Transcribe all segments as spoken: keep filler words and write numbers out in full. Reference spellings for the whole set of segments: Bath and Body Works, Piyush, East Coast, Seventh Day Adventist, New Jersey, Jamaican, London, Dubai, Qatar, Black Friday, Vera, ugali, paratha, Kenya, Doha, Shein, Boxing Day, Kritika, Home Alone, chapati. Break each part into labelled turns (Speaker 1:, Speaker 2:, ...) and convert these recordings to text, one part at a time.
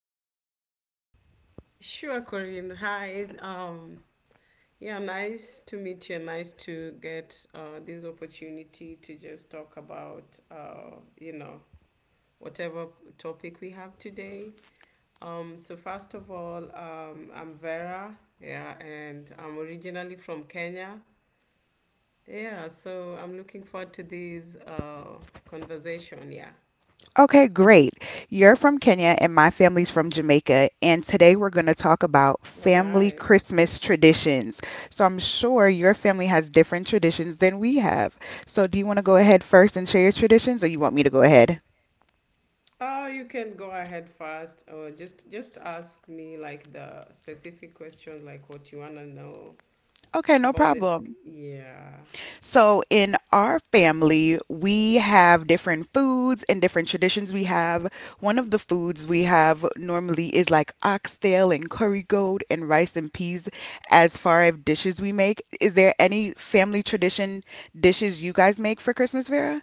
Speaker 1: introduce yourself?
Speaker 2: Sure, Corinne. Hi. Um, yeah, nice to meet you. Nice to get uh, this opportunity to just talk about, uh, you know, whatever topic we have today. Um, so, first of all, um, I'm Vera. Yeah, and I'm originally from Kenya. Yeah, so I'm looking forward to this uh, conversation. Yeah.
Speaker 1: Okay, great. You're from Kenya, and my family's from Jamaica. And today we're going to talk about
Speaker 2: Oh,
Speaker 1: family
Speaker 2: nice.
Speaker 1: Christmas traditions. So, I'm sure your family has different traditions than we have. So, do you want to go ahead first and share your traditions, or you want me to go ahead?
Speaker 2: Oh, you can go ahead first, or just just ask me like the specific questions, like what you wanna know
Speaker 1: Okay, no
Speaker 2: about it.
Speaker 1: problem.
Speaker 2: Yeah,
Speaker 1: So in our family, we have different foods and different traditions we have. One of the foods we have normally is like oxtail and curry goat and rice and peas as far as dishes we make. Is there any family tradition dishes you guys make for Christmas, Vera?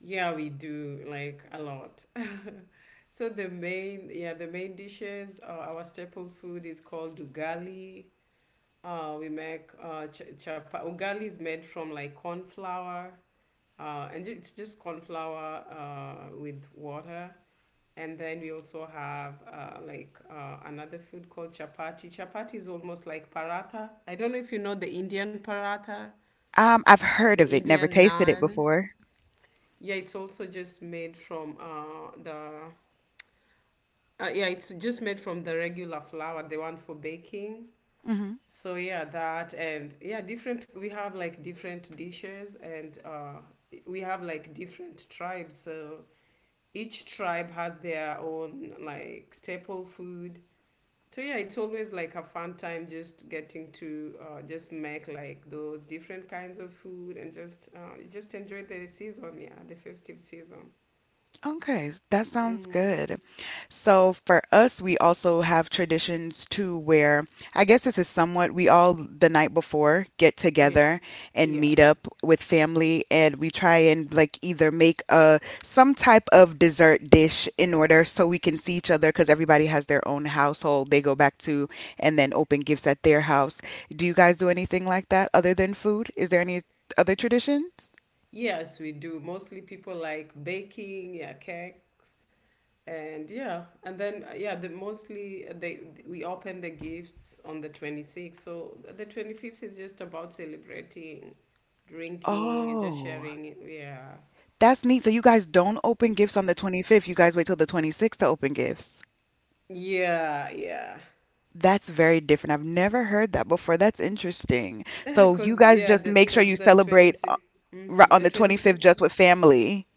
Speaker 2: yeah, we do like a lot. So the main, yeah, the main dishes, uh, our staple food is called ugali. Uh, we make uh, ch- chapa. Ugali is made from like corn flour, uh, and ju- it's just corn flour uh, with water. And then we also have uh, like uh, another food called chapati. Chapati is almost like paratha. I don't know if you know the Indian paratha,
Speaker 1: Um, I've heard
Speaker 2: the
Speaker 1: of it, never
Speaker 2: Indian
Speaker 1: tasted it
Speaker 2: naan.
Speaker 1: before.
Speaker 2: Yeah, it's also just made from uh, the. Uh, yeah, it's just made from the regular flour, the one for baking. So yeah, that and yeah, different. We have like different dishes, and uh, we have like different tribes. So each tribe has their own like staple food. So yeah, it's always like a fun time just getting to uh, just make like those different kinds of food and just uh, just enjoy the season. Yeah, the festive season.
Speaker 1: Okay, that sounds
Speaker 2: Mm-hmm.
Speaker 1: good. So for us, we also have traditions too, where I guess this is somewhat we all the night before get
Speaker 2: Yeah.
Speaker 1: together and
Speaker 2: Yeah.
Speaker 1: meet up with family, and we try and like either make a some type of dessert dish in order so we can see each other because everybody has their own household they go back to, and then open gifts at their house. Do you guys do anything like that other than food? Is there any other traditions?
Speaker 2: Yes, we do. Mostly people like baking, yeah, cakes. And yeah and then uh, yeah the mostly uh, they we open the gifts on the twenty-sixth, so the twenty-fifth is just about celebrating, drinking, and just
Speaker 1: Oh.
Speaker 2: sharing. Yeah,
Speaker 1: That's neat. So you guys don't open gifts on the twenty-fifth. You guys wait till the twenty-sixth to open gifts.
Speaker 2: yeah, yeah.
Speaker 1: That's very different. I've never heard that before. That's interesting. So you
Speaker 2: Because
Speaker 1: guys
Speaker 2: yeah
Speaker 1: just
Speaker 2: the
Speaker 1: make sure you
Speaker 2: because the,
Speaker 1: celebrate uh,
Speaker 2: twenty-six,
Speaker 1: ri-
Speaker 2: mm-hmm,
Speaker 1: on
Speaker 2: the
Speaker 1: the twenty-fifth
Speaker 2: twenty-sixth.
Speaker 1: just with family.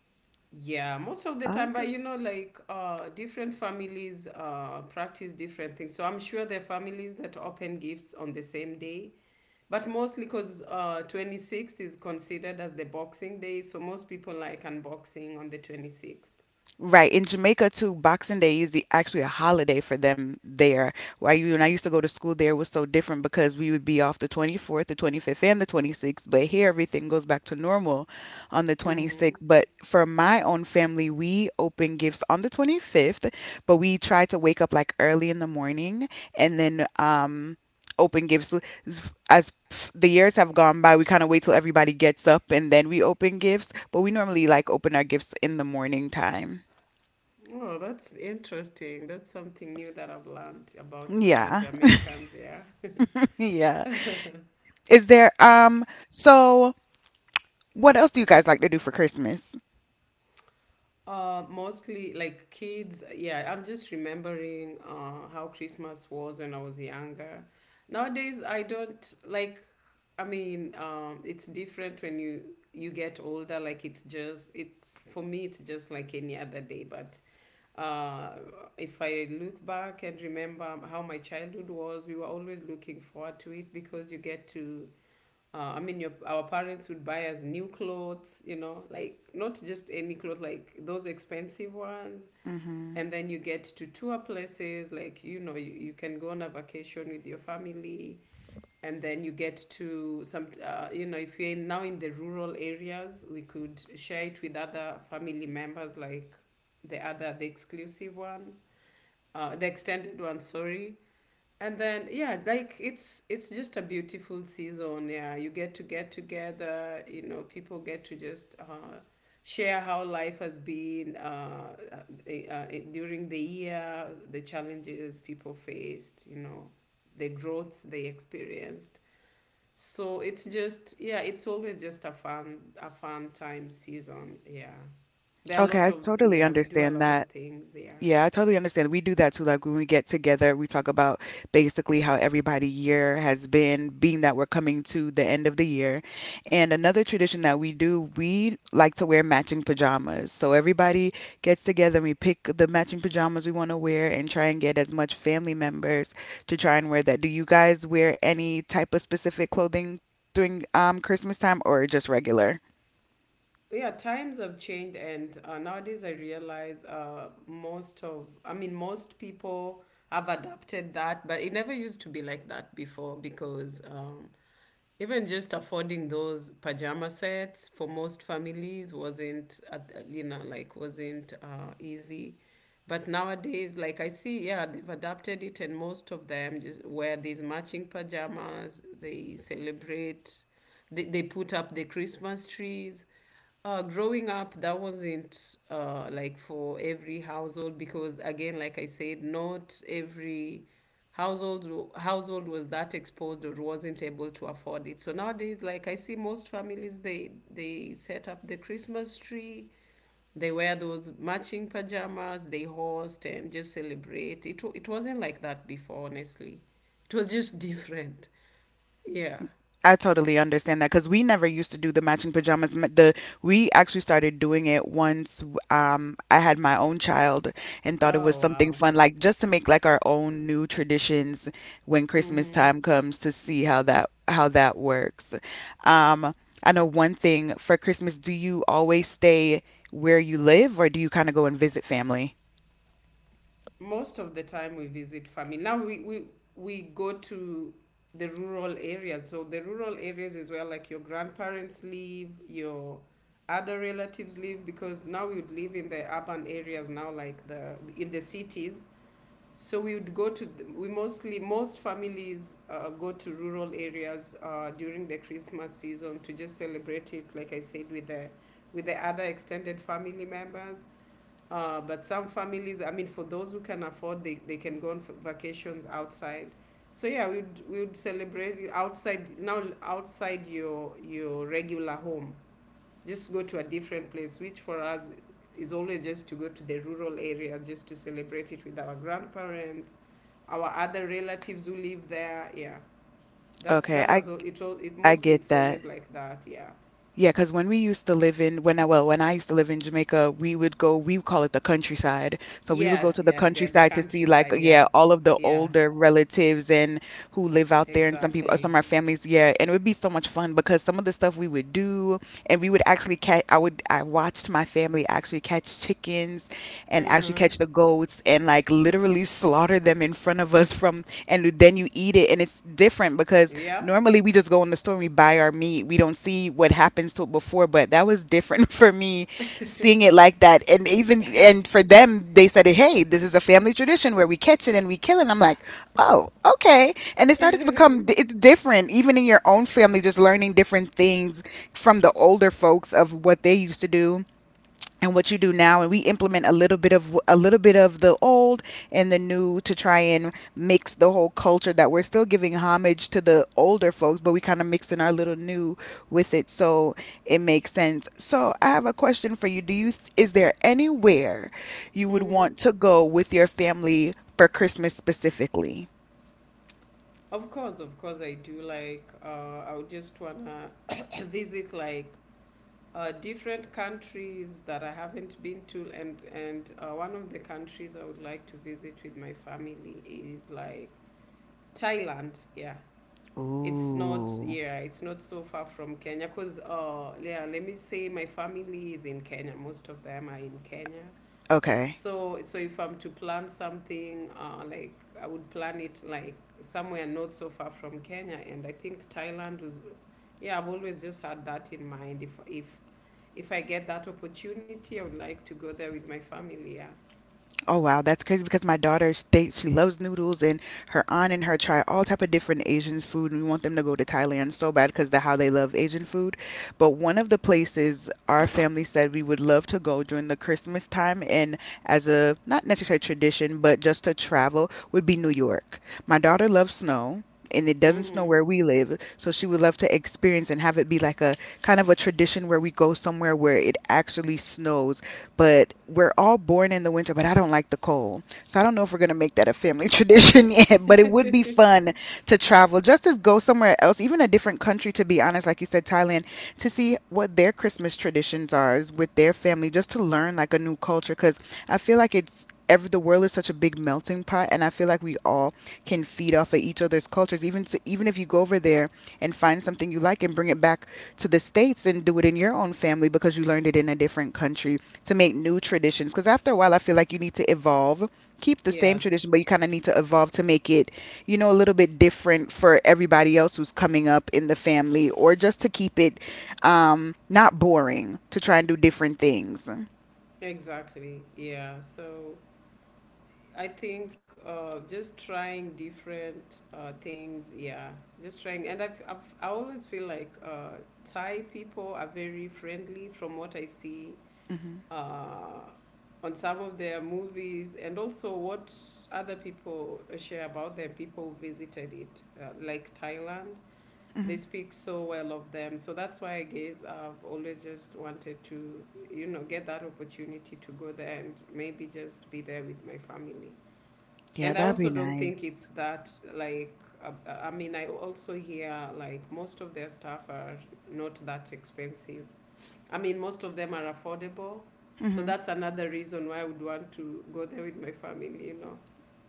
Speaker 2: Yeah, most of the time, but
Speaker 1: Okay.
Speaker 2: you know, like uh, different families uh, practice different things. So I'm sure there are families that open gifts on the same day, but mostly because uh, twenty-sixth is considered as the Boxing Day, so most people like unboxing on the twenty-sixth.
Speaker 1: Right. In Jamaica too, Boxing Day is the, actually a holiday for them there. Why you and I used to go to school there was so different because we would be off the twenty-fourth, the twenty-fifth, and the twenty-sixth. But here everything goes back to normal on the
Speaker 2: Mm-hmm.
Speaker 1: twenty-sixth. But for my own family, we open gifts on the twenty-fifth, but we try to wake up like early in the morning and then um open gifts as the years have gone by, we kind of wait till everybody gets up and then we open gifts. But we normally like open our gifts in the morning time.
Speaker 2: Oh, that's interesting. That's something new that I've learned about uh,
Speaker 1: Yeah.
Speaker 2: Jamaicans, yeah.
Speaker 1: Yeah. Is there um so what else do you guys like to do for Christmas?
Speaker 2: Uh, mostly like kids. Yeah, I'm just remembering uh, how Christmas was when I was younger. Nowadays, I don't like. I mean, um, it's different when you you get older. Like it's just it's for me, it's just like any other day. But uh, if I look back and remember how my childhood was, we were always looking forward to it because you get to uh, I mean, your our parents would buy us new clothes, you know, like not just any clothes, like those expensive ones.
Speaker 1: Mhm.
Speaker 2: And then you get to tour places, like you know, you, you can go on a vacation with your family, and then you get to some, uh, you know, if you're in, now in the rural areas, we could share it with other family members, like the other, the exclusive ones, uh, the extended ones, sorry. And then yeah, like it's it's just a beautiful season. Yeah, you get to get together, you know. People get to just uh, share how life has been uh, uh, uh, during the year, the challenges people faced, you know, the growths they experienced. So it's just yeah, it's always just a fun a fun time season. Yeah, there are a
Speaker 1: Okay,
Speaker 2: lot
Speaker 1: I
Speaker 2: of,
Speaker 1: totally
Speaker 2: yeah, we do a
Speaker 1: understand
Speaker 2: lot of
Speaker 1: that.
Speaker 2: things. Yeah,
Speaker 1: Yeah, I totally understand. We do that too. Like when we get together, we talk about basically how everybody year has been, being that we're coming to the end of the year. And another tradition that we do, we like to wear matching pajamas. So everybody gets together and we pick the matching pajamas we want to wear and try and get as much family members to try and wear that. Do you guys wear any type of specific clothing during um Christmas time or just regular?
Speaker 2: yeah, times have changed, and uh, nowadays I realize uh, most of I mean most people have adapted that, but it never used to be like that before because um, even just affording those pajama sets for most families wasn't uh, you know, like wasn't uh, easy. But nowadays, like I see yeah, they've adapted it, and most of them just wear these matching pajamas. They celebrate, they, they put up the Christmas trees. uh, growing up, that wasn't uh, like for every household because, again, like I said, not every household household was that exposed or wasn't able to afford it. So nowadays, like I see most families, they they set up the Christmas tree, they wear those matching pajamas, they host and just celebrate. It w- it wasn't like that before, honestly. It was just different. Yeah.
Speaker 1: I totally understand that because we never used to do the matching pajamas. M- The we actually started doing it once um, I had my own child and thought it was
Speaker 2: Oh
Speaker 1: something
Speaker 2: wow.
Speaker 1: fun, like just to make like our own new traditions when Christmas time comes to see how that how that works. Um, I know one thing for Christmas, do you always stay where you live or do you kind of go and visit family?
Speaker 2: Most of the time we visit family. Now we, we, we go to the rural areas. So the rural areas is where like your grandparents live, your other relatives live, because now we would live in the urban areas now, like the in the cities. So we would go to the, we mostly most families uh, go to rural areas uh, during the Christmas season to just celebrate it, like I said, with the with the other extended family members. uh, but some families, I mean, for those who can afford, they, they can go on vacations outside. So yeah, we would we would celebrate it outside now, outside your your regular home. Just go to a different place, which for us is always just to go to the rural area just to celebrate it with our grandparents, our other relatives who live there. Yeah, that's
Speaker 1: Okay,
Speaker 2: that has
Speaker 1: I
Speaker 2: al- it all it
Speaker 1: I
Speaker 2: mostly
Speaker 1: get
Speaker 2: it's
Speaker 1: that.
Speaker 2: always like that. Yeah.
Speaker 1: Yeah, because when we used to live in when I well, when I used to live in Jamaica, we would go, we would call it the countryside. So we would go to
Speaker 2: Yes,
Speaker 1: the
Speaker 2: yes, yeah. The
Speaker 1: countryside to see like
Speaker 2: countryside. Yeah,
Speaker 1: yeah, all of the
Speaker 2: yeah,
Speaker 1: older relatives and who live out there and some people some
Speaker 2: exactly.
Speaker 1: of our families, yeah. And it would be so much fun because some of the stuff we would do and we would actually catch I would I watched my family actually catch chickens and actually
Speaker 2: Mm-hmm.
Speaker 1: catch the goats and like literally slaughter them in front of us from and then you eat it and it's different because
Speaker 2: Yep.
Speaker 1: normally, we just go in the store and we buy our meat. We don't see what happens to it before, but that was different for me seeing it like that. And even and for them, they said, "Hey, this is a family tradition where we catch it and we kill it." And I'm like, "Oh, okay." And it started to
Speaker 2: Mm-hmm.
Speaker 1: become it's different, even in your own family, just learning different things from the older folks of what they used to do and what you do now, and we implement a little bit of a little bit of the old and the new to try and mix the whole culture that we're still giving homage to the older folks, but we kind of mix in our little new with it. So it makes sense. So I have a question for you. Do you th- is there anywhere you would want to go with your family for Christmas specifically?
Speaker 2: Of course, of course, I do. Like, uh, I would just wanna visit like uh, different countries that I haven't been to, and and uh, one of the countries I would like to visit with my family is like Thailand. Yeah, it's not.
Speaker 1: Ooh.
Speaker 2: Yeah, it's not so far from Kenya. Cause uh, yeah, let me say my family is in Kenya. Most of them are in Kenya.
Speaker 1: Okay.
Speaker 2: So, so if I'm to plan something, uh, like I would plan it like somewhere not so far from Kenya, and I think Thailand was. Yeah, I've always just had that in mind. If if if I get that opportunity, I would like to go there with my family. Yeah.
Speaker 1: Oh wow, that's crazy because my daughter states she loves noodles and her aunt and her try all type of different Asian food and we want them to go to Thailand so bad because the how they love Asian food. But one of the places our family said we would love to go during the Christmas time and as a not necessarily tradition but just to travel would be New York. My daughter loves snow. And it doesn't snow
Speaker 2: Mm-hmm.
Speaker 1: where we live, so she would love to experience and have it be like a kind of a tradition where we go somewhere where it actually snows but we're all born in the winter, but I don't like the cold. So I don't know if we're going to make that a family tradition yet, but it would be fun to travel, just to go somewhere else, even a different country, to be honest, like you said, Thailand, to see what their Christmas traditions are is with their family, just to learn like a new culture. Because I feel like it's ever the world is such a big melting pot, and I feel like we all can feed off of each other's cultures. Even s even if you go over there and find something you like and bring it back to the states and do it in your own family because you learned it in a different country to make new traditions because after a while I feel like you need to evolve, keep the same
Speaker 2: yes.
Speaker 1: tradition but you kind of need to evolve to make it, you know, a little bit different for everybody else who's coming up in the family, or just to keep it um not boring, to try and do different things.
Speaker 2: Exactly. Yeah. So I think uh, just trying different uh, things, yeah, just trying. And I've, I've I always feel like uh, Thai people are very friendly from what I see
Speaker 1: Hmm.
Speaker 2: uh, on some of their movies, and also what other people share about them. People who visited it, uh, like Thailand, they
Speaker 1: Hmm.
Speaker 2: speak so well of them. So that's why I guess I've always just wanted to, you know, get that opportunity to go there and maybe just be there with my family.
Speaker 1: Yeah,
Speaker 2: And I
Speaker 1: that'd be
Speaker 2: also don't think
Speaker 1: nice.
Speaker 2: it's that like uh, I mean I also hear like most of their stuff are not that expensive. I mean most of them are affordable. So that's another reason why I would want to go there with my family, you know.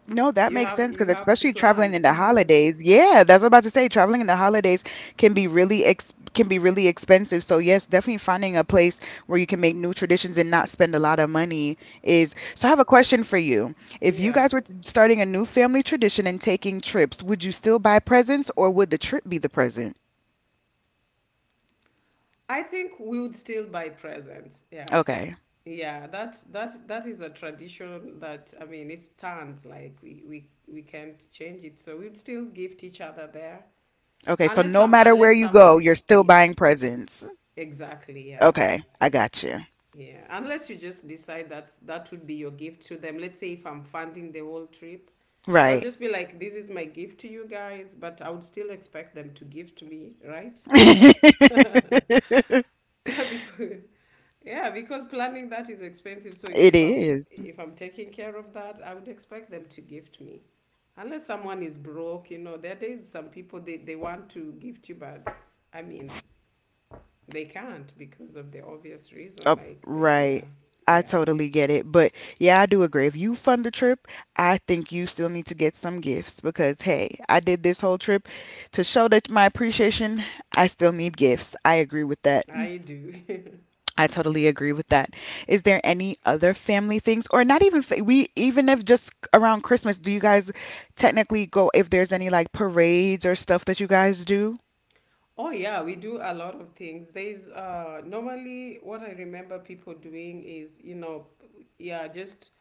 Speaker 1: No, that
Speaker 2: You
Speaker 1: makes
Speaker 2: have
Speaker 1: sense
Speaker 2: you
Speaker 1: because
Speaker 2: have to
Speaker 1: especially traveling
Speaker 2: plan.
Speaker 1: in the holidays. Yeah, that's what I'm about to say. Traveling in the holidays can be really ex- can be really expensive. So yes, definitely finding a place where you can make new traditions and not spend a lot of money is. So I have a question for you. If you
Speaker 2: yeah.
Speaker 1: guys were t- starting a new family tradition and taking trips, would you still buy presents or would the trip be the present?
Speaker 2: I think we would still buy presents. Yeah.
Speaker 1: Okay.
Speaker 2: Yeah, that that that is a tradition that I mean it stands like we we we can't change it. So we'd still gift each other there.
Speaker 1: Okay, so
Speaker 2: Unless
Speaker 1: no
Speaker 2: some
Speaker 1: matter where
Speaker 2: unless
Speaker 1: you
Speaker 2: someone
Speaker 1: go,
Speaker 2: is
Speaker 1: you're still
Speaker 2: e-
Speaker 1: buying presents.
Speaker 2: exactly, yeah.
Speaker 1: Okay, I got you.
Speaker 2: Yeah. Unless you just decide that that would be your gift to them. Let's say if I'm funding the whole trip. So I'll
Speaker 1: Right.
Speaker 2: just be like, this is my gift to you guys, but I would still expect them to give to me, right? Because yeah, because planning that is expensive. So
Speaker 1: It
Speaker 2: if I'm
Speaker 1: is.
Speaker 2: if I'm taking care of that, I would expect them to gift me. Unless someone is broke, you know, there are days some people they, they want to gift you, but I mean they can't because of the obvious reason.
Speaker 1: Oh,
Speaker 2: Like, the, yeah,
Speaker 1: right. I
Speaker 2: yeah,
Speaker 1: totally get it. But yeah, I do agree. If you fund the trip, I think you still need to get some gifts because, hey, I did this whole trip to show that my appreciation, I still need gifts. I agree with that.
Speaker 2: I do.
Speaker 1: I totally agree with that. Is there any other family things, or not even fa- we even if just around Christmas, do you guys technically go if there's any like parades or stuff that you guys do?
Speaker 2: Oh, yeah, we do a lot of things. There's uh, normally what I remember people doing is, you know, yeah, just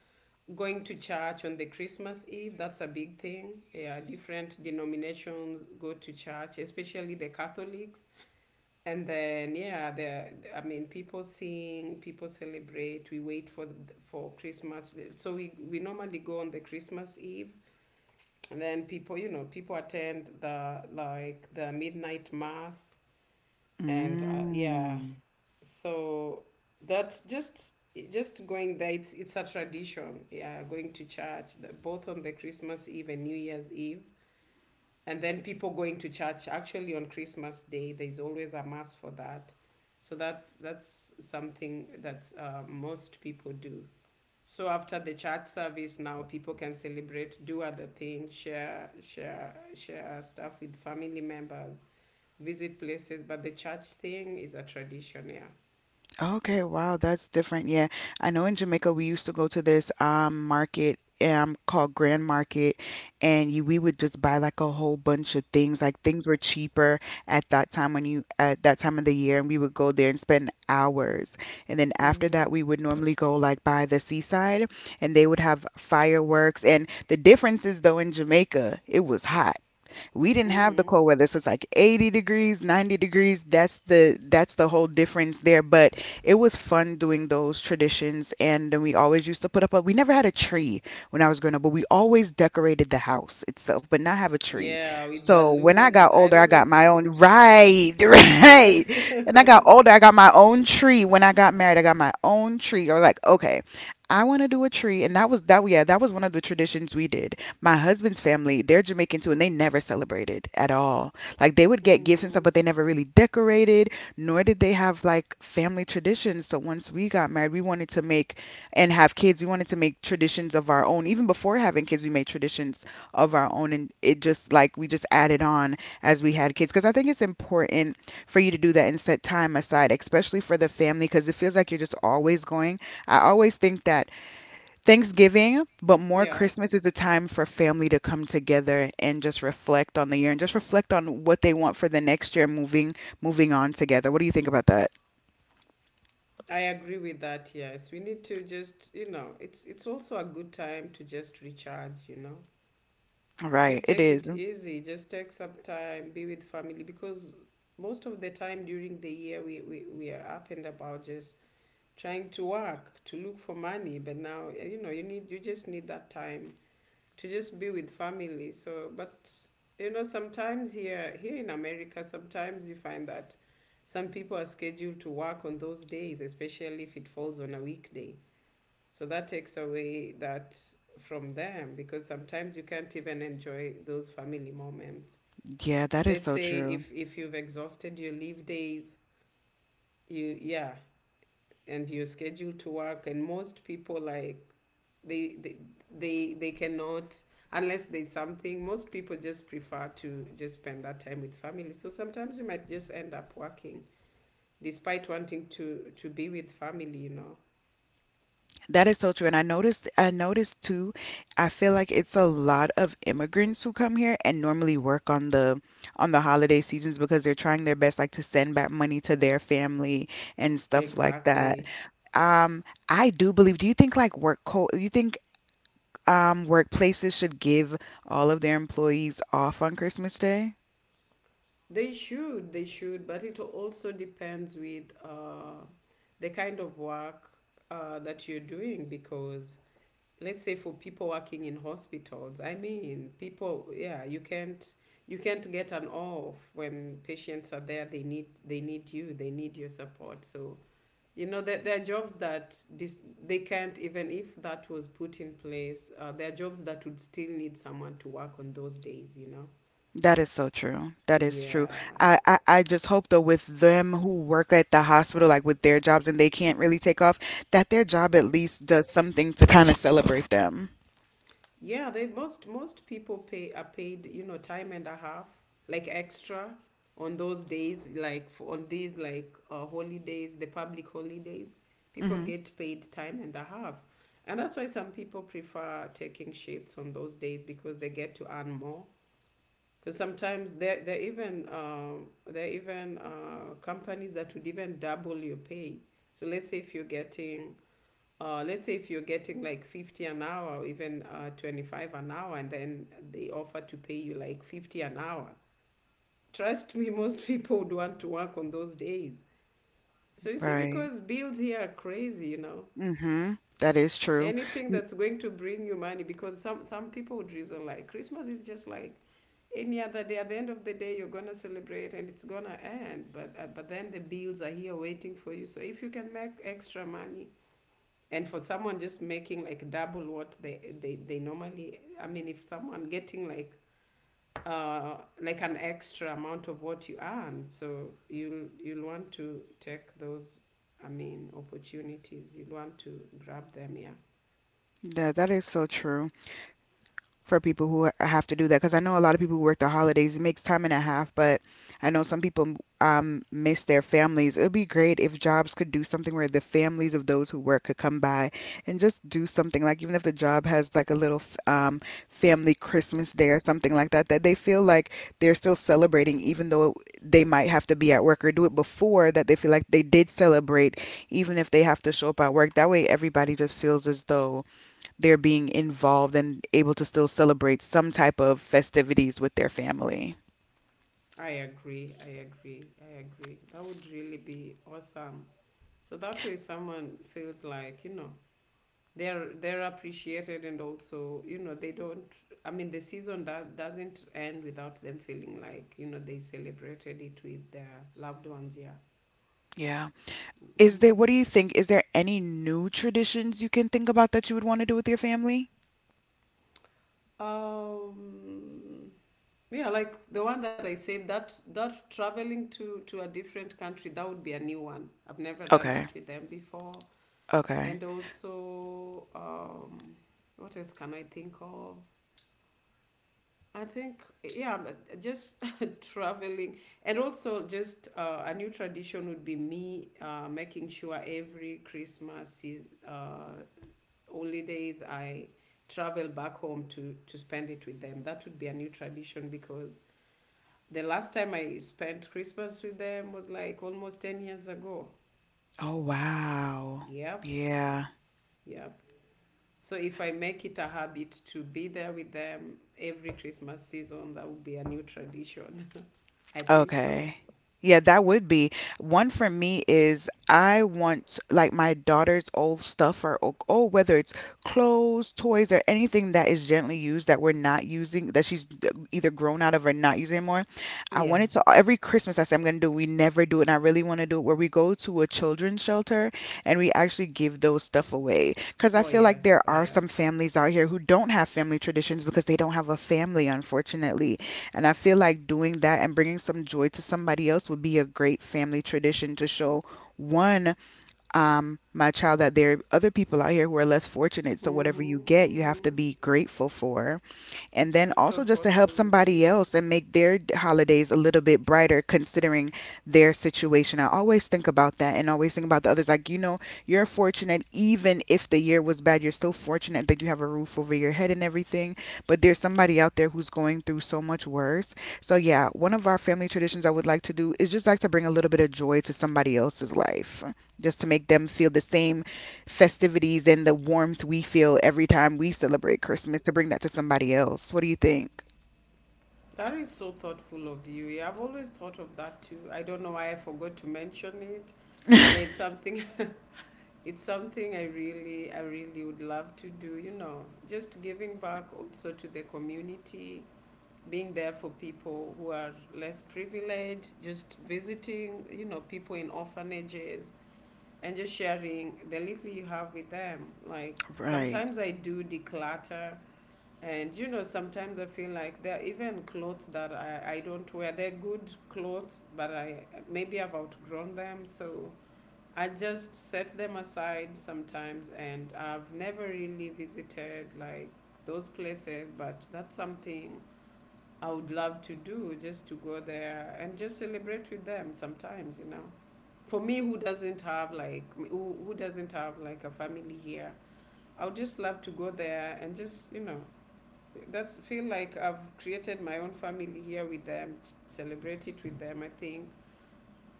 Speaker 2: going to church on the Christmas Eve. That's a big thing. Yeah, different denominations go to church, especially the Catholics. And then yeah, the I mean, people sing, people celebrate. We wait for the, for Christmas, so we we normally go on the Christmas Eve, and then people, you know, people attend the like the midnight mass, and uh, yeah,
Speaker 1: Mm.
Speaker 2: so that just just going there, it's it's a tradition. Yeah, going to church the, both on the Christmas Eve and New Year's Eve, and then people going to church actually on Christmas Day. There's always a mass for that. So that's that's something that uh, most people do. So after the church service, now people can celebrate, do other things, share share share stuff with family members, visit places. But the church thing is a tradition. Yeah.
Speaker 1: Okay, wow, that's different. Yeah, I know in Jamaica we used to go to this um market um called Grand Market, and you, we would just buy like a whole bunch of things. Like things were cheaper at that time when you at that time of the year, and we would go there and spend hours. And then after
Speaker 2: Mm-hmm.
Speaker 1: that, we would normally go like by the seaside, and they would have fireworks. And the difference is, though, in Jamaica, it was hot. We didn't have the
Speaker 2: Mm-hmm.
Speaker 1: cold weather, so it's like eighty degrees, ninety degrees. That's the that's the whole difference there. But it was fun doing those traditions. And then we always used to put up a we never had a tree when I was growing up, but we always decorated the house itself but not have a tree.
Speaker 2: Yeah with
Speaker 1: So when I
Speaker 2: balloons,
Speaker 1: got
Speaker 2: I
Speaker 1: older, I
Speaker 2: don't know
Speaker 1: got
Speaker 2: if
Speaker 1: my own. Right. right. And I got older, I got my own tree. When I got married, I got my own tree. Or like okay, I want to do a tree, and that was that. Yeah, that was one of the traditions we did. My husband's family, they're Jamaican too, and they never celebrated at all. Like, they would get gifts and
Speaker 2: Mm-hmm.
Speaker 1: stuff, but they never really decorated, nor did they have like family traditions. So once we got married, we wanted to make and have kids, we wanted to make traditions of our own. Even before having kids, we made traditions of our own, and it just like we just added on as we had kids. Because I think it's important for you to do that and set time aside, especially for the family, because it feels like you're just always going. I always think that Thanksgiving, but more
Speaker 2: Yeah,
Speaker 1: Christmas, is a time for family to come together and just reflect on the year and just reflect on what they want for the next year moving moving on together. What do you think about that?
Speaker 2: I agree with that. Yes, we need to just, you know, it's it's also a good time to just recharge, you know.
Speaker 1: Right,
Speaker 2: Just
Speaker 1: it
Speaker 2: take
Speaker 1: is.
Speaker 2: it easy, just take some time, be with family because most of the time during the year we, we, we are up and about just trying to work, to look for money, but now, eh, you know, you need you just need that time to just be with family. So, but you know, sometimes here here in America, sometimes you find that some people are scheduled to work on those days, especially if it falls on a weekday. So that takes away that from them because sometimes you can't even enjoy those family moments.
Speaker 1: Yeah, that is
Speaker 2: Let's
Speaker 1: so
Speaker 2: say
Speaker 1: true.
Speaker 2: if if you've exhausted your leave days, you, yeah, and you're scheduled to work, and most people like they they they, they cannot, unless there's something, most people just prefer to just spend that time with family, so sometimes you might just end up working despite wanting to to be with family, you know.
Speaker 1: That is so true. And I noticed I noticed too, I feel like it's a lot of immigrants who come here and normally work on the on the holiday seasons because they're trying their best like to send back money to their family and stuff like that.
Speaker 2: Exactly.
Speaker 1: Um, I do believe, do you think like work co you think Um, workplaces should give all of their employees off on Christmas Day.
Speaker 2: They should, they should, but it also depends with uh, the kind of work uh, that you're doing, because let's say for people working in hospitals, I mean, people, yeah, you can't, you can't get an off when patients are there. They need they need you, they need your support. So, you know, there, there are jobs that dis- they can't, even if that was put in place. Uh, there are jobs that would still need someone to work on those days. You know,
Speaker 1: That is so true. That is true.
Speaker 2: yeah.
Speaker 1: I, I, I just hope, though, with them who work at the hospital, like with their jobs and they can't really take off, that their job at least does something to kind of celebrate them.
Speaker 2: Yeah, they most most people pay are paid, you know, time and a half, like extra on those days, like for, on these like uh, holidays, the public holidays, people
Speaker 1: Hmm.
Speaker 2: get paid time and a half. And that's why some people prefer taking shifts on those days, because they get to earn more. Because sometimes there there are even um there are even uh, companies that would even double your pay. So let's say if you're getting, uh, let's say if you're getting like fifty an hour, or even uh, twenty-five an hour, and then they offer to pay you like fifty an hour, trust me most people would want to work on those days. So you see,
Speaker 1: Right.
Speaker 2: because bills here are crazy, you know.
Speaker 1: Hmm. That is true.
Speaker 2: Anything
Speaker 1: N-
Speaker 2: that's going to bring you money, because some some people would reason like Christmas is just like any other day. At the end of the day, you're gonna celebrate and it's gonna end, but uh, but then the bills are here waiting for you, so if you can make extra money. And for someone just making like double what they they, they normally, I mean, if someone getting like uh like an extra amount of what you earn, so you'll you'll want to take those, I mean, opportunities. You'll want to grab them, yeah.
Speaker 1: That that is so true. For people who have to do that, because I know a lot of people who work the holidays, it makes time and a half. But I know some people um, miss their families. It would be great if jobs could do something where the families of those who work could come by and just do something, like even if the job has like a little f- um, family Christmas day or something like that, that they feel like they're still celebrating even though they might have to be at work, or do it before, that they feel like they did celebrate even if they have to show up at work. That way everybody just feels as though they're being involved and able to still celebrate some type of festivities with their family.
Speaker 2: i agree i agree I agree, that would really be awesome, so that way someone feels like, you know, they're they're appreciated, and also, you know, they don't, I mean, the season that doesn't end without them feeling like, you know, they celebrated it with their loved ones, yeah.
Speaker 1: Yeah. Is there—
Speaker 2: Mhm.
Speaker 1: what do you think— is there any new traditions you can think about that you would want to do with your family?
Speaker 2: um yeah, like the one that I said, that that traveling to to a different country, that would be a new one. I've never done
Speaker 1: Okay.
Speaker 2: that with them before.
Speaker 1: Okay.
Speaker 2: And also, um what else can I think of? I think, yeah, but just traveling. And also, just uh, a new tradition would be me uh, making sure every Christmas se- uh, holidays I travel back home to, to spend it with them. That would be a new tradition, because the last time I spent Christmas with them was like almost ten years ago.
Speaker 1: Oh, wow.
Speaker 2: Yep,
Speaker 1: Yeah.
Speaker 2: yep. So if I make it a habit to be there with them every Christmas season, that would be a new tradition. I think so.
Speaker 1: Okay. Yeah, that would be. One for me is I want like my daughter's old stuff, or— oh, oh, whether it's clothes, toys, or anything that is gently used that we're not using, that she's d- either grown out of or not using anymore. I
Speaker 2: Yeah.
Speaker 1: want it to— every Christmas I say I'm gonna do, we never do it, and I really want to do it where we go to a children's shelter and we actually give those stuff away. Because I
Speaker 2: Oh
Speaker 1: feel like
Speaker 2: yes.
Speaker 1: there
Speaker 2: Oh
Speaker 1: are
Speaker 2: yeah.
Speaker 1: some families out here who don't have family traditions because they don't have a family, unfortunately, and I feel like doing that and bringing some joy to somebody else would be a great family tradition to show, one, um, my child, that there are other people out here who are less fortunate. So whatever you
Speaker 2: Mm-hmm,
Speaker 1: get, you have to
Speaker 2: mm-hmm.
Speaker 1: be grateful for, and then
Speaker 2: That's so
Speaker 1: also just to help
Speaker 2: thoughtful of
Speaker 1: somebody
Speaker 2: you.
Speaker 1: else and make their d- holidays a little bit brighter considering their situation. I always think about that and always think about the others. Like, you know, you're fortunate even if the year was bad, you're still fortunate that you have a roof over your head and everything, but there's somebody out there who's going through so much worse. So, yeah, one of our family traditions I would like to do is just like to bring a little bit of joy to somebody else's life, just to make them feel the same festivities and the warmth we feel every time we celebrate Christmas, to bring that to somebody else. What do you think?
Speaker 2: That is so thoughtful of you. Yeah, I've always thought of that too. I don't know why I forgot to mention it. Yeah, it's something, it's something I really, I really would love to do, you know. Just giving back also to the community, being there for people who are less privileged, just visiting, you know, people in orphanages, and just sharing the little you have with them. Like,
Speaker 1: Right.
Speaker 2: sometimes I do declutter, and you know, sometimes I feel like there are even clothes that I, I don't wear. They're good clothes, but I maybe I've outgrown them. So I just set them aside sometimes, and I've never really visited like those places, but that's something I would love to do, just to go there and just celebrate with them sometimes, you know. For me, who doesn't have like who, who doesn't have like a family here, I would just love to go there and just, you know, that's feel like I've created my own family here with them, celebrate it with them. I think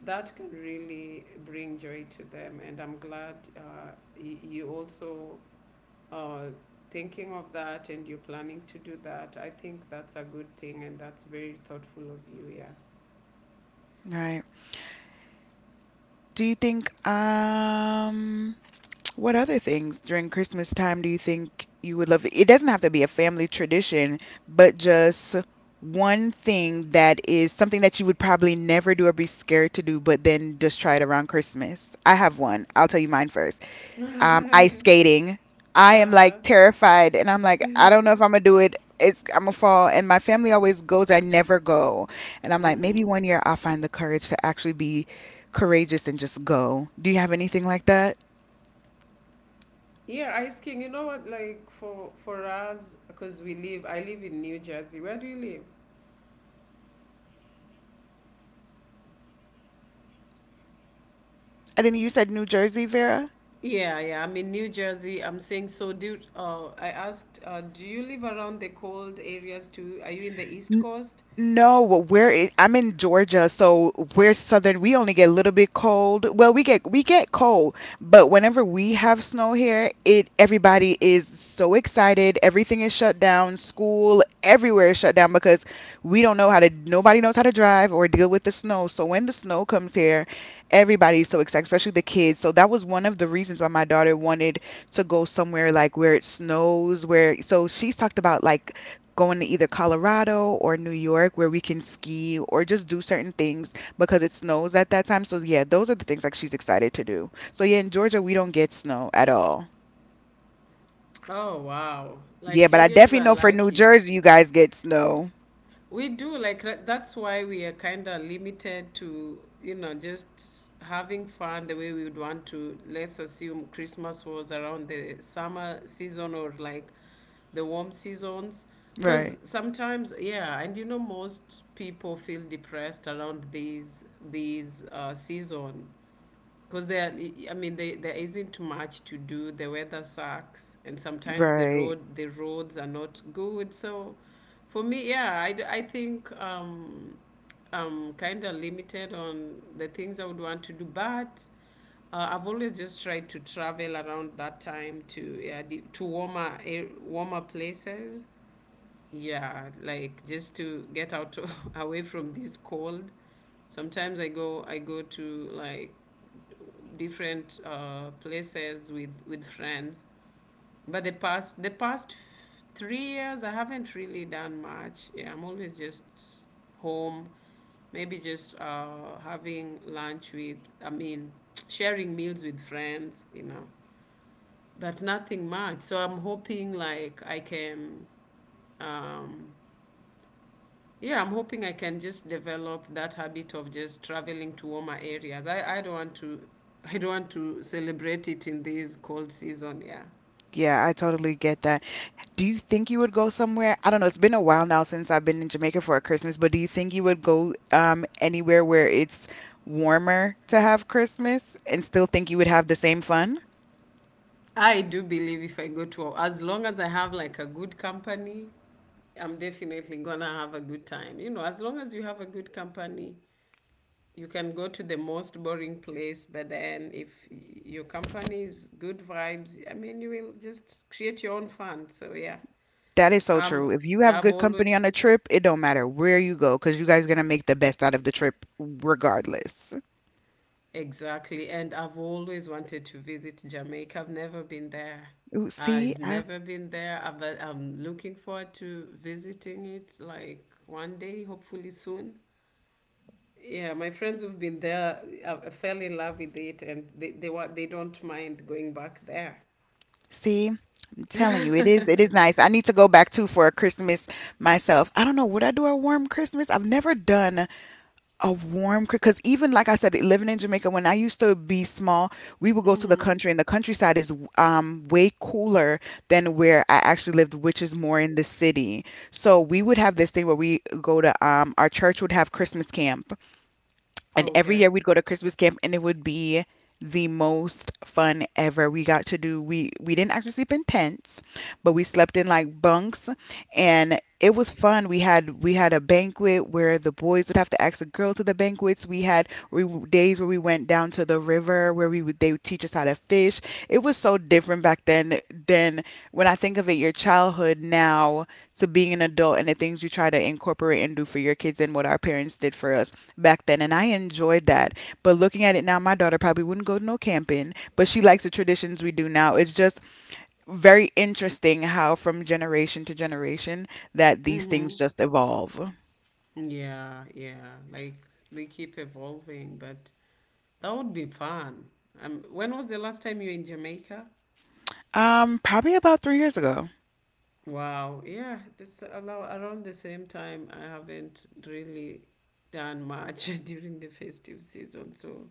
Speaker 2: that can really bring joy to them, and I'm glad uh, y- you also uh, thinking of that, and you're planning to do that. I think that's a good thing, and that's very thoughtful of you.
Speaker 1: Right. Do you think— um what other things during Christmas time do you think you would love? It doesn't have to be a family tradition, but just one thing that is something that you would probably never do or be scared to do, but then just try it around Christmas. I have one. I'll tell you mine first. Um,
Speaker 2: Yeah.
Speaker 1: ice skating. I am, like,
Speaker 2: Uh-huh.
Speaker 1: terrified, and I'm like, I don't know if I'm gonna do it. It's— I'm gonna fall, and my family always goes. I never go, and I'm like, maybe
Speaker 2: Mm-hmm.
Speaker 1: one year I'll find the courage to actually be courageous and just go. Do you have anything like that?
Speaker 2: Yeah, Ice King. You know what? Like, for for us, because we live. I live in New Jersey. Where do you live?
Speaker 1: I didn't. You said New Jersey, Vera.
Speaker 2: Yeah, yeah. I'm in New Jersey. I'm saying so. Do, uh, I asked? Uh, do you live around the cold areas too? Are you in the East Coast?
Speaker 1: No, well, where i- I'm in Georgia, so we're southern. We only get a little bit cold. Well, we get— we get cold, but whenever we have snow here, it— everybody is so excited. Everything is shut down. School, everywhere is shut down because we don't know how to. Nobody knows how to drive or deal with the snow. So when the snow comes here, everybody's so excited, especially the kids. So that was one of the reasons why my daughter wanted to go somewhere like where it snows, where— so she's talked about like going to either Colorado or New York where we can ski or just do certain things because it snows at that time. So yeah, those are the things like she's excited to do. So yeah, in Georgia we don't get snow at all.
Speaker 2: Oh wow!
Speaker 1: Yeah,
Speaker 2: Like,
Speaker 1: but
Speaker 2: you
Speaker 1: I
Speaker 2: guys
Speaker 1: definitely
Speaker 2: are
Speaker 1: know for New
Speaker 2: lucky.
Speaker 1: Jersey you guys get snow.
Speaker 2: We do like ra- that's why we are kind of limited to, you know, just having fun the way we would want to. Let's assume Christmas was around the summer season, or like the warm seasons. Because
Speaker 1: Right.
Speaker 2: sometimes, yeah, and you know, most people feel depressed around these these uh, season, because there, I mean, they, there isn't much to do, the weather sucks, and sometimes the
Speaker 1: Right.
Speaker 2: road the roads are not good. So for me, yeah, i, d- I think um, I'm kind of limited on the things I would want to do, but uh, I've always just tried to travel around that time to, yeah, the, to warmer air, warmer places, yeah, like just to get out away from this cold. Sometimes i go I go to like different uh, places with with friends. But the past the past f- three years, I haven't really done much. Yeah, I'm always just home. Maybe just uh, having lunch with, I mean, sharing meals with friends, you know, but nothing much. So I'm hoping like I can, um, yeah, I'm hoping I can just develop that habit of just traveling to warmer areas. I, I don't want to I don't want to celebrate it in this cold season, yeah.
Speaker 1: Yeah, I totally get that. Do you think you would go somewhere? I don't know. It's been a while now since I've been in Jamaica for a Christmas, but do you think you would go um anywhere where it's warmer to have Christmas and still think you would have the same fun?
Speaker 2: I do believe if I go to, as long as I have like a good company, I'm definitely gonna have a good time. You know, as long as you have a good company, you can go to the most boring place, but then if y- your company is good vibes, I mean, you will just create your own fun. So yeah,
Speaker 1: That is so
Speaker 2: um,
Speaker 1: true. If you have
Speaker 2: I've
Speaker 1: good
Speaker 2: always,
Speaker 1: company on a trip, it don't matter where you go, because you guys gonna make the best out of the trip regardless.
Speaker 2: exactly. And I've always wanted to visit Jamaica. I've never been there.
Speaker 1: Ooh, see,
Speaker 2: I've
Speaker 1: I—
Speaker 2: never been there, uh, but I'm looking forward to visiting it like one day, hopefully soon. Yeah, my friends who've been there, uh, uh, fell in love with it, and they, they want, they don't mind going back there.
Speaker 1: see. I'm telling you, it is. It is nice. I need to go back too for a Christmas myself. I don't know. Would I do a warm Christmas? I've never done a warm— because even like I said, living in Jamaica, when I used to be small, we would go to the
Speaker 2: Mm-hmm.
Speaker 1: country, and the countryside is um, way cooler than where I actually lived, which is more in the city. So we would have this thing where we go to— um, our church would have Christmas camp, and every
Speaker 2: Okay.
Speaker 1: year we'd go to Christmas camp and it would be the most fun ever. We got to do— we we didn't actually sleep in tents, but we slept in like bunks, and it was fun. We had— we had a banquet where the boys would have to ask a girl to the banquets. We had— we, days where we went down to the river where we would they would teach us how to fish. It was so different back then than— when I think of it, your childhood now to being an adult, and the things you try to incorporate and do for your kids and what our parents did for us back then, and I enjoyed that. But looking at it now, my daughter probably wouldn't go to no camping, but she likes the traditions we do now. It's just very interesting how from generation to generation that these
Speaker 2: Mm-hmm.
Speaker 1: things just evolve.
Speaker 2: Yeah, yeah. Like, they keep evolving, but that would be fun. Um, when was the last time you were in Jamaica?
Speaker 1: Um, probably about three years ago.
Speaker 2: Wow, yeah, it's allow around the same time. I haven't really done much during the festive season, so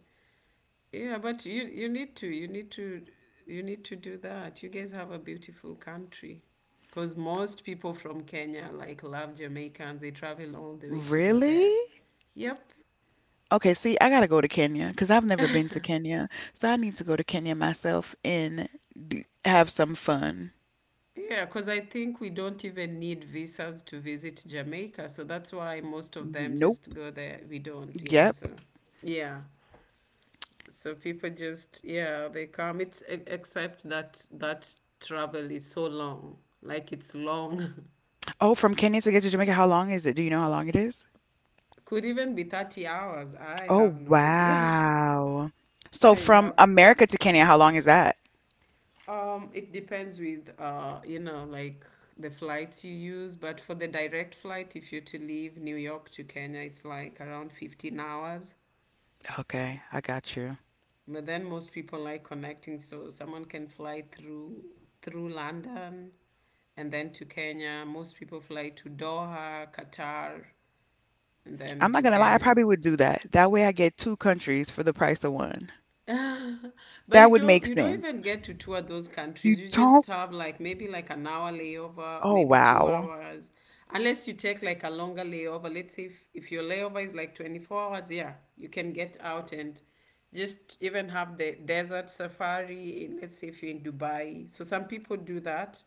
Speaker 2: yeah. But you you need to you need to you need to do that. You guys have a beautiful country, because most people from Kenya like love Jamaicans. They travel all the way to go
Speaker 1: Really?
Speaker 2: there. Yep.
Speaker 1: Okay, see, I gotta go to Kenya because I've never been to Kenya, so I need to go to Kenya myself and d- have some fun.
Speaker 2: Yeah, because I think we don't even need visas to visit Jamaica. So that's why most of them just
Speaker 1: Nope.
Speaker 2: go there. We don't. Yeah.
Speaker 1: Yep.
Speaker 2: So, yeah. So people just, yeah, they come. It's e- except that that travel is so long. Like, it's long.
Speaker 1: Oh, from Kenya to get to Jamaica, how long is it? Do you know how long it is?
Speaker 2: Could even be thirty hours. I
Speaker 1: Oh,
Speaker 2: have no idea.
Speaker 1: wow. So
Speaker 2: I
Speaker 1: from
Speaker 2: have.
Speaker 1: America to Kenya, how long is that?
Speaker 2: Um, it depends with, uh, you know, like the flights you use. But for the direct flight, if you're to leave New York to Kenya, it's like around fifteen hours.
Speaker 1: Okay, I got you.
Speaker 2: But then most people like connecting, so someone can fly through through London and then to Kenya. Most people fly to Doha, Qatar, and then
Speaker 1: I'm
Speaker 2: to
Speaker 1: not gonna lie, I
Speaker 2: Kenya.
Speaker 1: probably would do that. That way I get two countries for the price of one.
Speaker 2: But you
Speaker 1: That would
Speaker 2: don't
Speaker 1: make
Speaker 2: you don't
Speaker 1: sense.
Speaker 2: even get to tour those
Speaker 1: You
Speaker 2: countries. You just
Speaker 1: don't?
Speaker 2: have like maybe like an hour layover,
Speaker 1: Oh,
Speaker 2: maybe two
Speaker 1: wow.
Speaker 2: hours. Unless you take like a longer layover. Let's say if, if your layover is like twenty-four hours, yeah, you can get out and just even have the desert safari in, let's say if you're in Dubai. So some people do that.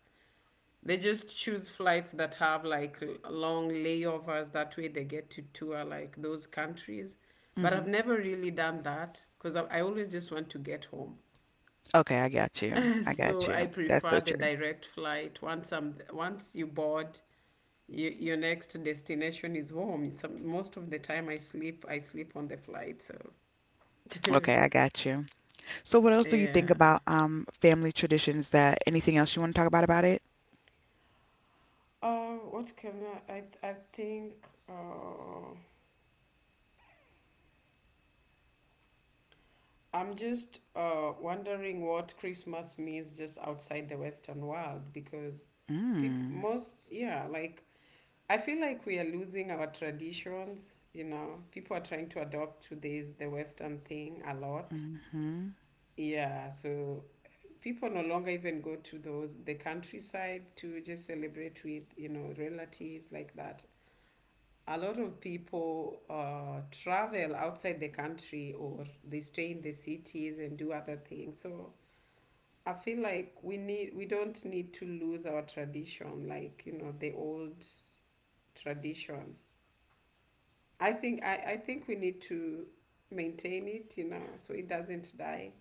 Speaker 2: They just choose flights that have like long layovers. That way they get to tour like those countries. But I've
Speaker 1: Hmm.
Speaker 2: never really done that because I, I always just want to get home.
Speaker 1: Okay, I got you. I got
Speaker 2: So I
Speaker 1: you. That's
Speaker 2: prefer
Speaker 1: so
Speaker 2: the
Speaker 1: true.
Speaker 2: direct flight. Once I'm once you board, you, your next destination is home. Some, most of the time I sleep, I sleep on the flight. So
Speaker 1: Okay, I got you. So what else do you
Speaker 2: yeah.
Speaker 1: think about um family traditions— that anything else you want to talk about about it?
Speaker 2: Uh, what can I? I, I think. Uh, I'm just uh, wondering what Christmas means just outside the Western world because people, most, yeah, like I feel like we are losing our traditions. You know, people are trying to adopt to this the Western thing a lot.
Speaker 1: Mm-hmm.
Speaker 2: Yeah, so people no longer even go to those the countryside to just celebrate with you know relatives like that. A lot of people uh, travel outside the country or they stay in the cities and do other things. So I feel like we need we don't need to lose our tradition, like you know the old tradition. I think I, I think we need to maintain it, you know, so it doesn't die.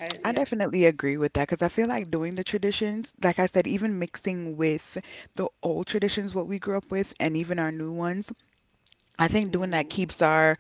Speaker 2: I,
Speaker 1: I
Speaker 2: yeah.
Speaker 1: definitely agree with that because I feel like doing the traditions, like I said, even mixing with the old traditions, what we grew up with, and even our new ones, I think doing that
Speaker 2: Mm-hmm.
Speaker 1: keeps our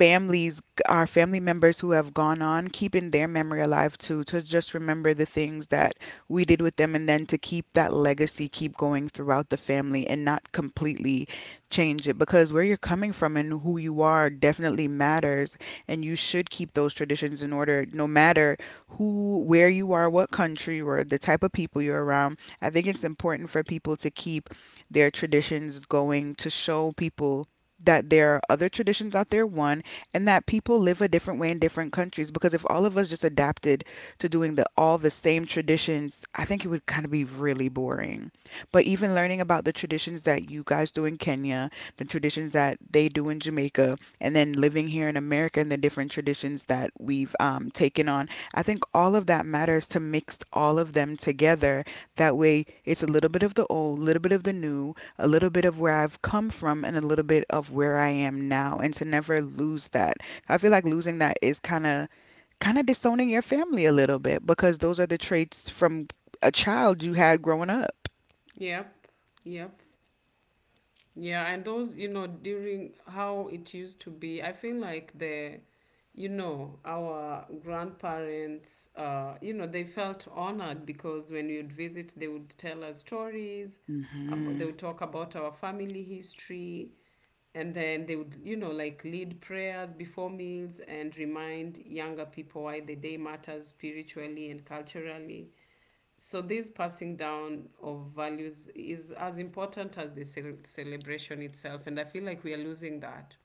Speaker 1: families, our family members who have gone on, keeping their memory alive too, to just remember the things that we did with them and then to keep that legacy keep going throughout the family and not completely change it because where you're coming from and who you are definitely matters and you should keep those traditions in order no matter who, where you are, what country or the type of people you're around. I think it's important for people to keep their traditions going to show people that there are other traditions out there, one, and that people live a different way in different countries because if all of us just adapted to doing the all the same traditions, I think it would kind of be really boring. But even learning about the traditions that you guys do in Kenya, the traditions that they do in Jamaica, and then living here in America and the different traditions that we've um, taken on, I think all of that matters to mix all of them together. That way, it's a little bit of the old, a little bit of the new, a little bit of where I've come from and a little bit of where I am now and to never lose that. I feel like losing that is kind of kind of disowning your family a little bit because those are the traits from a child you had growing up.
Speaker 2: Yep, yep. Yeah, and those, you know, during how it used to be, I feel like the, you know, our grandparents, uh, you know, they felt honored because when you'd visit, they would tell us stories, ab- they
Speaker 1: Mhm.
Speaker 2: would talk about our family history, and then they would, you know, like lead prayers before meals and remind younger people why the day matters spiritually and culturally. So, this passing down of values is as important as the cel- celebration itself, and I feel like we are losing that.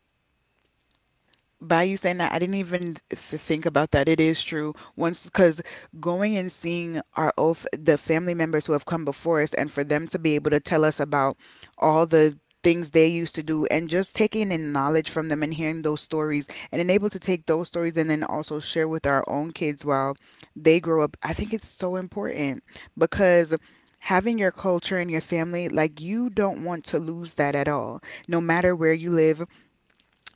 Speaker 1: By you saying that, I didn't even th- think about that. It is true. Once, because going and seeing our old, the family members who have come before us, and for them to be able to tell us about all the things they used to do, and just taking in knowledge from them and hearing those stories, and then able to take those stories and then also share with our own kids while they grow up, I think it's so important because. Having your culture and your family, like you don't want to lose that at all. No matter where you live,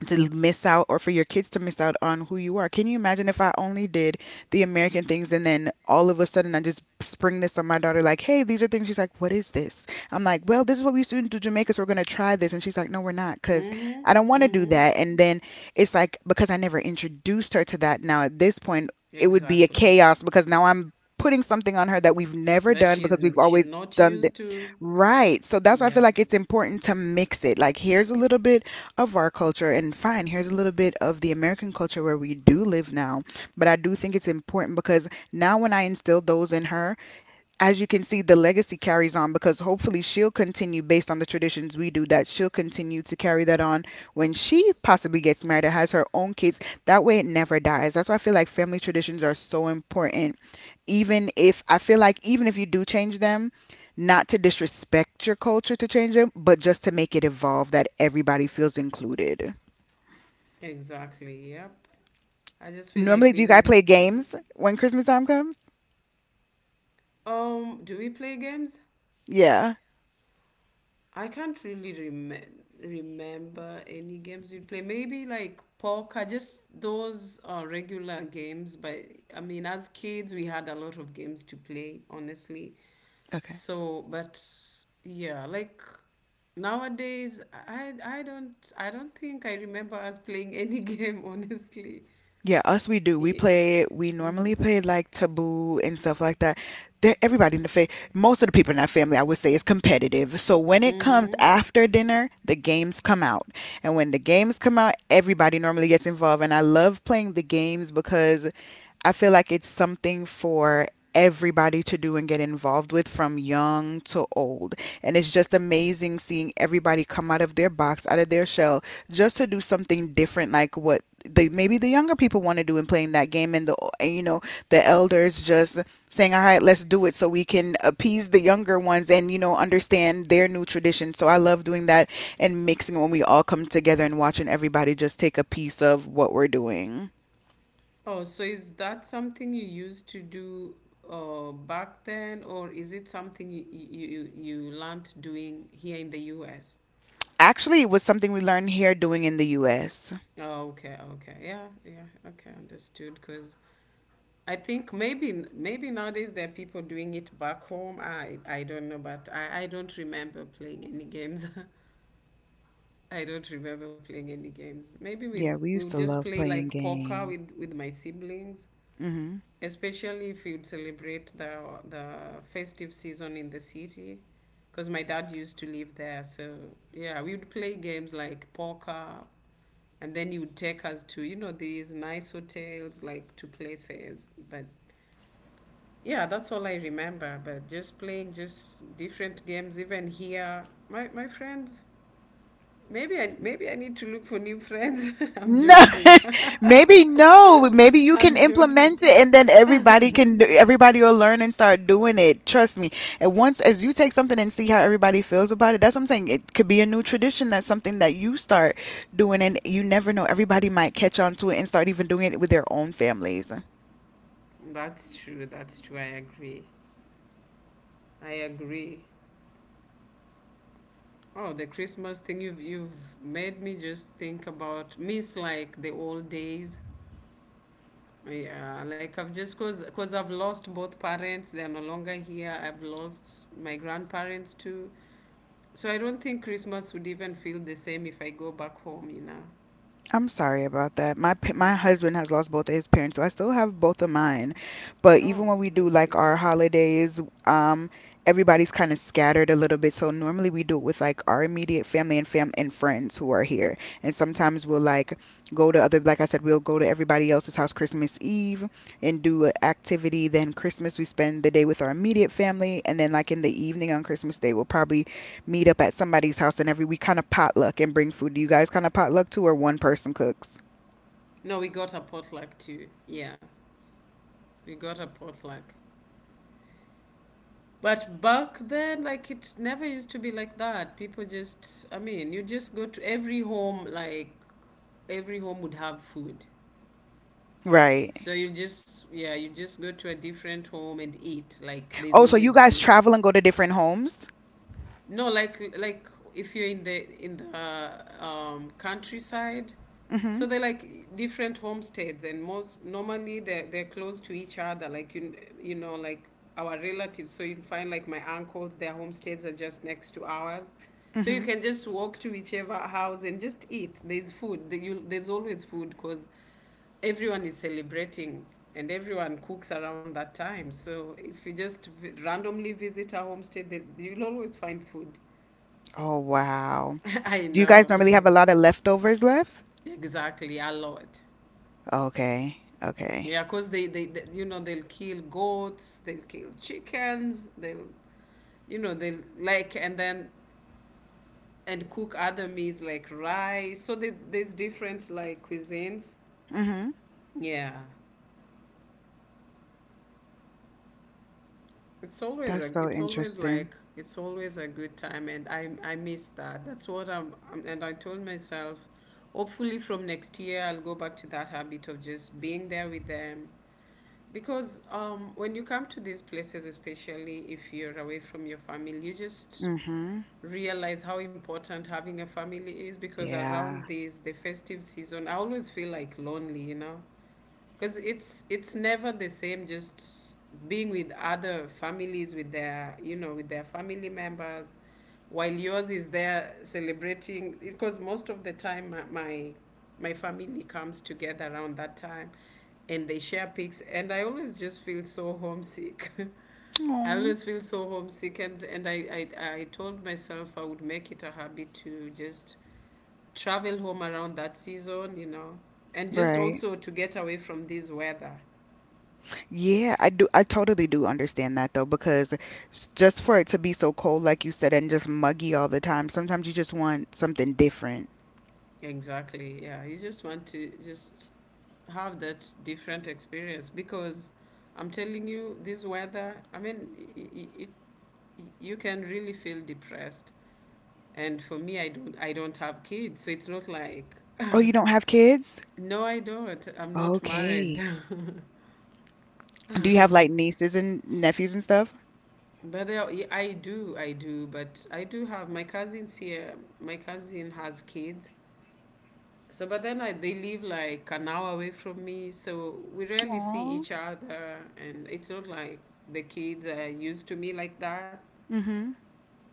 Speaker 1: to miss out or for your kids to miss out on who you are. Can you imagine if I only did the American things and then all of a sudden I just spring this on my daughter, like, "Hey, these are things." She's like, "What is this?" I'm like, "Well, this is what we used to do in Jamaica, so we're going to try this." And she's like, "No, we're not," because
Speaker 2: Mm-hmm.
Speaker 1: I don't want to do
Speaker 2: Mm-hmm.
Speaker 1: that. And then it's like, because I never introduced her to that. Now at this point, it would be a
Speaker 2: Exactly.
Speaker 1: chaos because now I'm putting something on her that we've never
Speaker 2: That
Speaker 1: done because
Speaker 2: she's
Speaker 1: we've
Speaker 2: she's
Speaker 1: always
Speaker 2: not
Speaker 1: done the.
Speaker 2: used to.
Speaker 1: Right. So that's why I feel
Speaker 2: Yep.
Speaker 1: like it's important to mix it. Like here's a little bit of our culture, and fine, here's a little bit of the American culture where we do live now, but I do think it's important because now when I instilled those in her, as you can see, the legacy carries on because hopefully she'll continue based on the traditions we do, that she'll continue to carry that on when she possibly gets married or has her own kids. That way it never dies. That's why I feel like family traditions are so important, even if I feel like, even if you do change them, not to disrespect your culture to change them, but just to make it evolve that everybody feels included.
Speaker 2: Exactly. Yep. I just feel like
Speaker 1: Normally,
Speaker 2: we
Speaker 1: do you guys
Speaker 2: need.
Speaker 1: play
Speaker 2: Mhm.
Speaker 1: games when Christmas time comes?
Speaker 2: Um. Do we play games?
Speaker 1: Yeah.
Speaker 2: I can't really rem- remember any games we play. Maybe like poker, just those uh, regular games. But I mean, as kids, we had a lot of games to play, honestly.
Speaker 1: Okay.
Speaker 2: So, but yeah, like nowadays, I I don't I don't think I remember us playing any game, honestly.
Speaker 1: Yeah, us we do. We
Speaker 2: Yeah.
Speaker 1: play. We normally
Speaker 2: Mm-hmm.
Speaker 1: play like Taboo and stuff like that. There, everybody in the fa- most of the people in our family, I would say, is competitive. So when it comes
Speaker 2: Mm-hmm.
Speaker 1: after dinner, the games come out, and when the games come out, everybody normally gets involved. And I love playing the games because I feel like it's something for everybody to do and get involved with from young to old. And it's just amazing seeing everybody come out of their box, out of their shell, just to do something different like what the maybe the younger people want to do in playing that game and the and, you know, the elders just saying, "All right, let's do it so we can appease the younger ones and you know, understand their new tradition." So I love doing that and mixing when we all come together and watching everybody just take a piece of what we're doing.
Speaker 2: Oh, so is that something you used to do uh, back then, or is it something you, you, you you learned doing here in the U S?
Speaker 1: Actually, it was something we learned here doing in the U S.
Speaker 2: Oh, okay, okay. Yeah, yeah, okay, understood. Because I think maybe maybe nowadays there are people doing it back home. I I don't know, but I I don't remember playing any games. I don't remember playing any games. Maybe we
Speaker 1: Yeah, we
Speaker 2: we'll
Speaker 1: used to
Speaker 2: just
Speaker 1: love
Speaker 2: play like
Speaker 1: playing
Speaker 2: poker
Speaker 1: games.
Speaker 2: with with my siblings,
Speaker 1: Mhm.
Speaker 2: especially if you'd celebrate the the festive season in the city, because my dad used to live there. So yeah, we would play games like poker, and then you would take us to you know these nice hotels like to places but yeah, that's all I remember. But just playing just different games, even here, my my friends. Maybe I maybe I need to look for new friends. I'm
Speaker 1: No,
Speaker 2: joking.
Speaker 1: maybe no. Maybe you can
Speaker 2: I'm joking.
Speaker 1: implement it, and then everybody can. do- Everybody will learn and start doing it. Trust me. And once, as you take something and see how everybody feels about it, that's what I'm saying. It could be a new tradition. That's something that you start doing, and you never know. Everybody might catch on to it and start even doing it with their own families.
Speaker 2: That's true. That's true. I agree. I agree. Oh, the Christmas thing you've you've made me just think about miss like the old days. Yeah, like I've just cause cause I've lost both parents. They are no longer here. I've lost my grandparents too. So I don't think Christmas would even feel the same if I go back home, you know.
Speaker 1: I'm sorry about that. My pa-
Speaker 2: And
Speaker 1: my
Speaker 2: it's like,
Speaker 1: husband has lost both of his parents, so I still have both of mine. But
Speaker 2: oh,
Speaker 1: even when we do
Speaker 2: bless
Speaker 1: like
Speaker 2: you.
Speaker 1: our holidays, um, everybody's kind of scattered a little bit. So normally we do it with like our immediate family and fam and friends who are here. And sometimes we'll like go to other, like I said, we'll go to everybody else's house Christmas Eve and do an activity. Then Christmas we spend the day with our immediate family, and then like in the evening on Christmas Day we'll probably meet up at somebody's house and every week kind of potluck and bring food. Do you guys kind of potluck too, or one person cooks?
Speaker 2: No, we got a potluck too. Yeah, we got a potluck. But back then, like, it never used to be like that. People just, I mean, you just go to every home, like, every home would have food.
Speaker 1: Right.
Speaker 2: So you just, yeah, you just go to a different home and eat. Like, there's
Speaker 1: Oh, so you
Speaker 2: always
Speaker 1: guys
Speaker 2: food.
Speaker 1: travel and go to different homes?
Speaker 2: No, like like if you're in the in the um, countryside,
Speaker 1: Mm-hmm.
Speaker 2: so they're like different homesteads, and most normally they're they're close to each other. Like you you know like our relatives, so you find like my uncles, their homesteads are just next to ours, so you
Speaker 1: Mm-hmm.
Speaker 2: can just walk to whichever house and just eat. There's food. There- You, there's always food because everyone is celebrating and everyone cooks around that time. So if you just v- randomly visit a homestay, they, you'll always find food.
Speaker 1: Oh, wow.
Speaker 2: I
Speaker 1: Do you
Speaker 2: know,
Speaker 1: guys normally have
Speaker 2: like,
Speaker 1: a lot of leftovers left?
Speaker 2: exactly, a lot.
Speaker 1: Okay. Okay.
Speaker 2: Yeah, because they, they, they, you know, they'll kill goats, they'll kill chickens, they'll, you know, they'll like, and then, and cook other meals like rice. So there, there's different like cuisines.
Speaker 1: Mm-hmm.
Speaker 2: Yeah. It's always
Speaker 1: That's
Speaker 2: a,
Speaker 1: so
Speaker 2: it's always
Speaker 1: interesting.
Speaker 2: like, it's always a good time, and I, I miss that. That's what I'm, I'm, and I told myself, hopefully from next year I'll go back to that habit of just being there with them. Because um, when you come to these places, especially if you're away from your family, you just
Speaker 1: Mm-hmm.
Speaker 2: realize how important having a family is. Because around
Speaker 1: Yeah.
Speaker 2: this, the festive season, I always feel like lonely, you know because it's it's never the same just being with other families with their you know with their family members while yours is there celebrating because most of the time my my, my family comes together around that time and they share pics and I always just feel so homesick I
Speaker 1: Oh,
Speaker 2: always feel so homesick, and, and I, I, I told myself I would make it a habit to just travel home around that season, you know, and just
Speaker 1: right.
Speaker 2: also to get away from this weather.
Speaker 1: Yeah, I do. I totally do understand that though, because s- just for it to be so cold, like you said, and just muggy all the time, sometimes you just want something different.
Speaker 2: Exactly. Yeah, you just want to just have that different experience because I'm telling you, this weather, I mean, it, it you can really feel depressed. And for me, I don't I don't have kids, so it's not like
Speaker 1: Oh, you don't have kids?
Speaker 2: no, I don't. I'm not married.
Speaker 1: Okay. Do you have like nieces and nephews and stuff?
Speaker 2: But they are, yeah, I do, I do, but I do have my cousins here. My cousin has kids. So, but then I, they live like an hour away from me, so we rarely see
Speaker 1: Aw.
Speaker 2: each other, and it's not like the kids are used to me like that.
Speaker 1: Mm-hmm.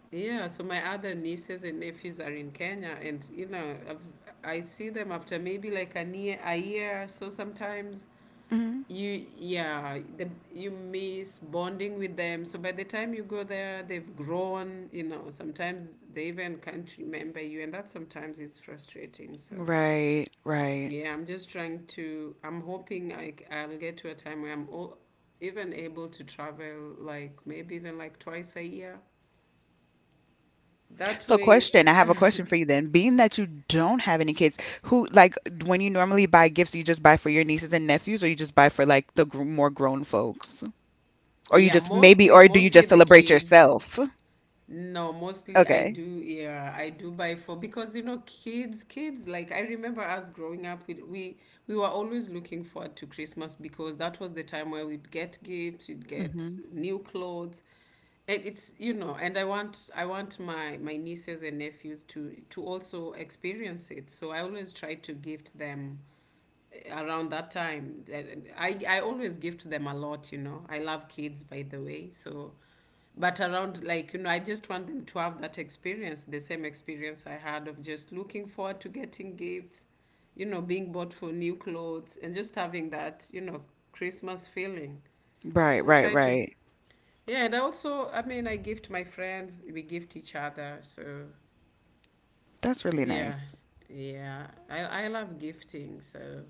Speaker 2: Yeah, so my other nieces and nephews are in Kenya, and you know, I've, I see them after maybe like a year, a year or so sometimes,
Speaker 1: Mm-hmm.
Speaker 2: you yeah the, you miss bonding with them so by the time you go there they've grown you know sometimes they even can't remember you and that sometimes it's frustrating so
Speaker 1: Right, right.
Speaker 2: yeah I'm just trying to I'm hoping I, c- i will get to a time where I'm all, even able to travel like maybe even like twice a year that
Speaker 1: So
Speaker 2: way
Speaker 1: question, I have a question for you then. Being that you don't have any kids, who like d- when you normally buy gifts, you just buy for your nieces and nephews or you just buy for like the gr more grown folks? Or you
Speaker 2: yeah
Speaker 1: just maybe
Speaker 2: mostly
Speaker 1: or do you
Speaker 2: mostly
Speaker 1: just
Speaker 2: the
Speaker 1: celebrate
Speaker 2: kids.
Speaker 1: yourself?
Speaker 2: No, mostly I
Speaker 1: Okay.
Speaker 2: do, yeah, I do buy for because you know kids, kids like I remember us growing up we we, we were always looking forward to Christmas because that was the time where we'd get gifts, we would get
Speaker 1: Mm-hmm.
Speaker 2: new clothes. And it's you know, and I want I want my my nieces and nephews to to also experience it. So I always try to gift them around that time. I, I always gift them a lot you know I love kids by the way so but around like you know I just want them to have that experience the same experience I had of just looking forward to getting gifts you know being bought for new clothes and just having that you know Christmas feeling
Speaker 1: Right,
Speaker 2: so I
Speaker 1: right,
Speaker 2: try to
Speaker 1: right.
Speaker 2: yeah and I also i mean I gift my friends we gift each other so
Speaker 1: That's really
Speaker 2: yeah
Speaker 1: nice.
Speaker 2: yeah i, I love gifting so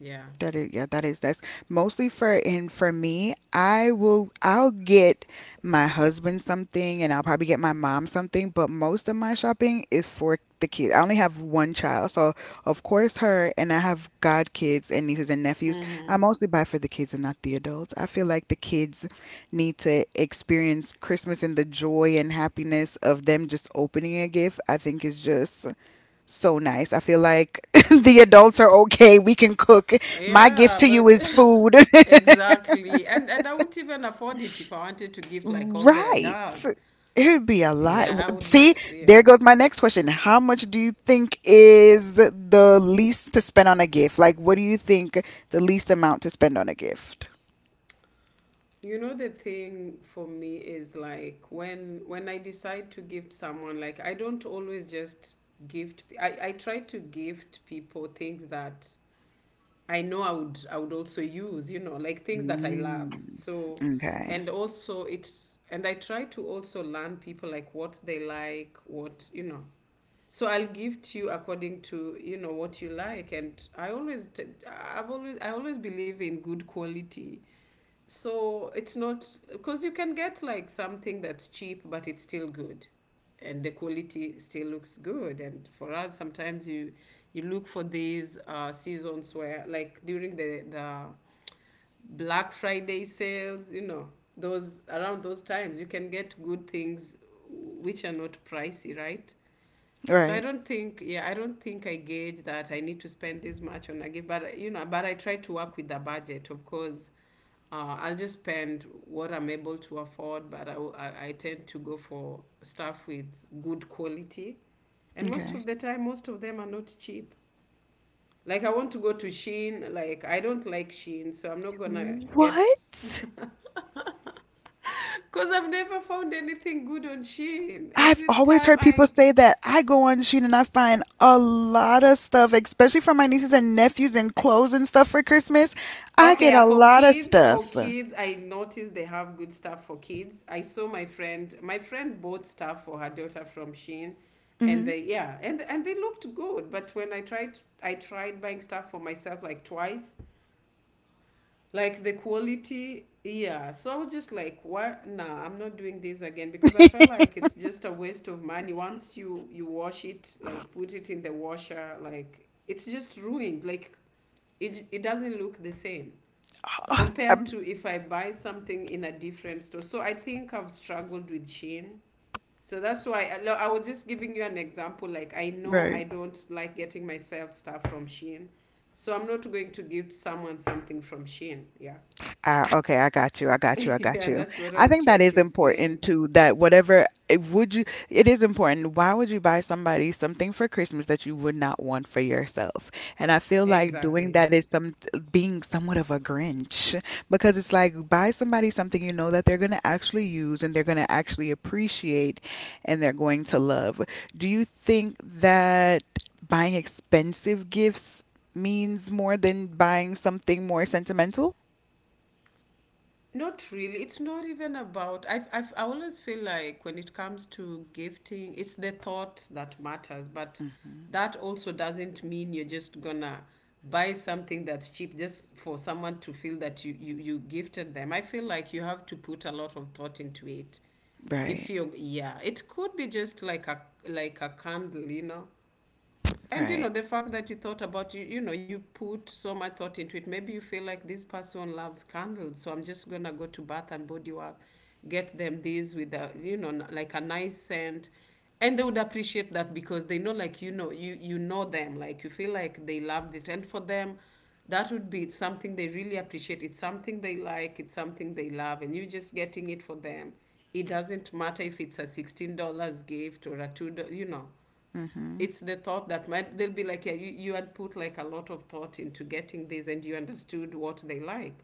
Speaker 2: yeah.
Speaker 1: That is, yeah, that is, that's mostly for, and for me, I will, I'll get my husband something and I'll probably get my mom something, but most of my shopping is for the kids. I only have one child, so of course her, and I have godkids and nieces and nephews. I
Speaker 2: Mm-hmm.
Speaker 1: mostly buy for the kids and not the adults. I feel like the kids need to experience Christmas and the joy and happiness of them just opening a gift. I think is just so nice. I feel like the adults are okay. We can cook. My gift
Speaker 2: Yeah,
Speaker 1: to you
Speaker 2: but
Speaker 1: is food.
Speaker 2: exactly. And and I wouldn't even afford it if I wanted to gift like all the
Speaker 1: Right.
Speaker 2: adults.
Speaker 1: It would be a lot.
Speaker 2: Yeah,
Speaker 1: W-
Speaker 2: I would not.
Speaker 1: See, there
Speaker 2: Yeah.
Speaker 1: goes my next question. How much do you think is the the least to spend on a gift? Like, what do you think the least amount to spend on a gift?
Speaker 2: You know the thing for me is like when when I decide to gift someone, like I don't always just gift I I try to gift people things that I know I would I would also use, you know, like things that I
Speaker 1: Mm,
Speaker 2: love. So
Speaker 1: okay.
Speaker 2: and also it's and I try to also learn people like what they like, what you know. So I'll give to you according to you know what you like, and I always t- I've always I always believe in good quality. So it's not because you can get like something that's cheap, but it's still good, and the quality still looks good. And for us, sometimes you you look for these uh, seasons where, like during the the Black Friday sales, you know, those around those times you can get good things which are not pricey, right? So I
Speaker 1: Right.
Speaker 2: don't think, yeah, I don't think I gauge that I need to spend this much on a gift, but you know, but I try to work with the budget, of course. Uh, I'll just spend what I'm able to afford, but I, will- I, I tend to go for stuff with good quality. And most of
Speaker 1: Okay.
Speaker 2: the time, most of them are not cheap. Like I want to go to Shein. Like I don't like Shein, so I'm not gonna get
Speaker 1: What?
Speaker 2: because I've never found anything good on Shein.
Speaker 1: I've
Speaker 2: Every
Speaker 1: always
Speaker 2: time
Speaker 1: heard people
Speaker 2: I
Speaker 1: say that. I go on Shein and I find a lot of stuff, especially for my nieces and nephews and clothes and stuff for Christmas. I
Speaker 2: Okay,
Speaker 1: get
Speaker 2: yeah,
Speaker 1: a
Speaker 2: for
Speaker 1: lot of
Speaker 2: kids,
Speaker 1: stuff.
Speaker 2: for kids, I noticed they have good stuff for kids. I saw my friend, my friend bought stuff for her daughter from Shein, and
Speaker 1: Mm-hmm.
Speaker 2: they yeah, and and they looked good. But when I tried, I tried buying stuff for myself like twice, like the quality, yeah. So I was just like, what? Nah, I'm not doing this again because I felt like it's just a waste of money. Once you you wash it, like put it in the washer, like it's just ruined. Like it it doesn't look the same compared to if I buy something in a different store. So I think I've struggled with Shein. So that's why I, lo- I was just giving you an example. Like I know I
Speaker 1: right.
Speaker 2: don't like getting myself stuff from Shein, so I'm not going to give someone something from Shein. Yeah,
Speaker 1: Ah, okay, I got you. I got you. I got
Speaker 2: yeah,
Speaker 1: you.
Speaker 2: that's what I
Speaker 1: I
Speaker 2: was
Speaker 1: think that
Speaker 2: trying
Speaker 1: is
Speaker 2: to explain.
Speaker 1: important too. That whatever it would you, it is important. Why would you buy somebody something for Christmas that you would not want for yourself? And I feel like doing
Speaker 2: Exactly.
Speaker 1: that is some being somewhat of a Grinch because it's like buy somebody something you know that they're gonna actually use and they're gonna actually appreciate and they're going to love. Do you think that buying expensive gifts means more than buying something more sentimental?
Speaker 2: Not really. It's not even about. I've, I've, I always feel like when it comes to gifting, it's the thought that matters. But
Speaker 1: Mhm.
Speaker 2: that also doesn't mean you're just gonna buy something that's cheap just for someone to feel that you, you, you gifted them. I feel like you have to put a lot of thought into it. If
Speaker 1: Right,
Speaker 2: you, yeah, it could be just like a like a candle, you know, and you know
Speaker 1: right.
Speaker 2: the fact that you thought about you you know, you put so much thought into it. Maybe you feel like this person loves candles, so I'm just gonna go to Bath and Body Work, get them these with a, you know, n- like a nice scent, and they would appreciate that because they know, like, you know, you you know them. Like, you feel like they loved it, and for them that would be something they really appreciate. It's something they like, it's something they love, and you're just getting it for them. It doesn't matter if it's a sixteen dollars gift or a two dollars, you know,
Speaker 1: Mm-hmm.
Speaker 2: it's the thought that might they'll be like, yeah, you, you had put like a lot of thought into getting this and you understood what they like.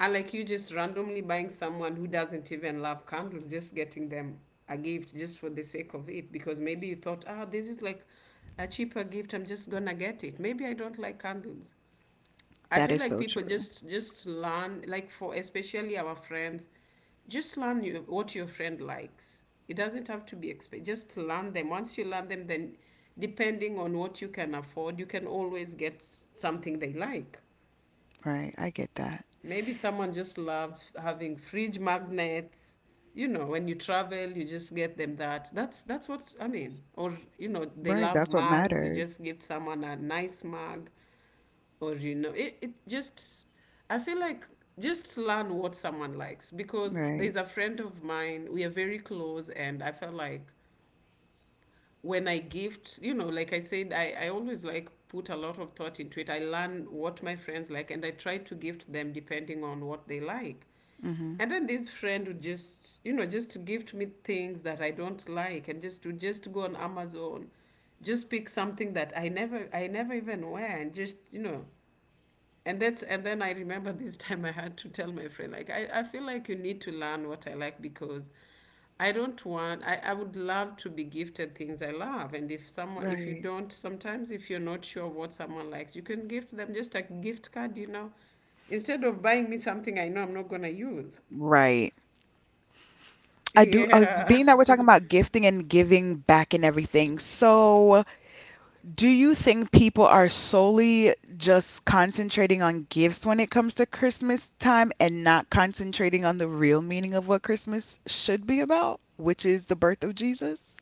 Speaker 2: And like, you just randomly buying someone who doesn't even love candles, just getting them a gift just for the sake of it because maybe you thought, ah, this is like a cheaper gift, I'm just gonna get it. Maybe I don't like candles. I
Speaker 1: That
Speaker 2: feel
Speaker 1: is
Speaker 2: like
Speaker 1: so
Speaker 2: people
Speaker 1: true.
Speaker 2: just just learn, like, for especially our friends, just learn you, what your friend likes. It doesn't have to be expensive. Just learn them. Once you learn them, then depending on what you can afford, you can always get s- something they like.
Speaker 1: Right. I get that.
Speaker 2: Maybe someone just loves having fridge magnets. You know, when you travel, you just get them that. That's that's what I mean. Or you know, they
Speaker 1: Right.
Speaker 2: love
Speaker 1: That's what
Speaker 2: mugs. You
Speaker 1: matters.
Speaker 2: just give someone a nice mug or you know it, it just, I feel like just learn what someone likes, because
Speaker 1: Right.
Speaker 2: there's a friend of mine, we are very close, and I felt like when I gift, you know, like I said, i, I always like put a lot of thought into it. I learn what my friends like and I try to gift them depending on what they like.
Speaker 1: Mm-hmm.
Speaker 2: And then this friend would just, you know, just gift me things that I don't like and just to just go on Amazon, just pick something that I never I never even wear and just, you know, and that's. And then I remember this time I had to tell my friend, like, i, I feel like you need to learn what I like, because I don't want I, I would love to be gifted things I love. And if someone, if you
Speaker 1: Right.
Speaker 2: don't, sometimes if you're not sure what someone likes, you can gift them just a gift card, you know, instead of buying me something I know I'm not gonna use.
Speaker 1: Right. I do. Uh,
Speaker 2: yeah.
Speaker 1: being that we're talking about gifting and giving back and everything, so do you think people are solely just concentrating on gifts when it comes to Christmas time and not concentrating on the real meaning of what Christmas should be about, which is the birth of Jesus?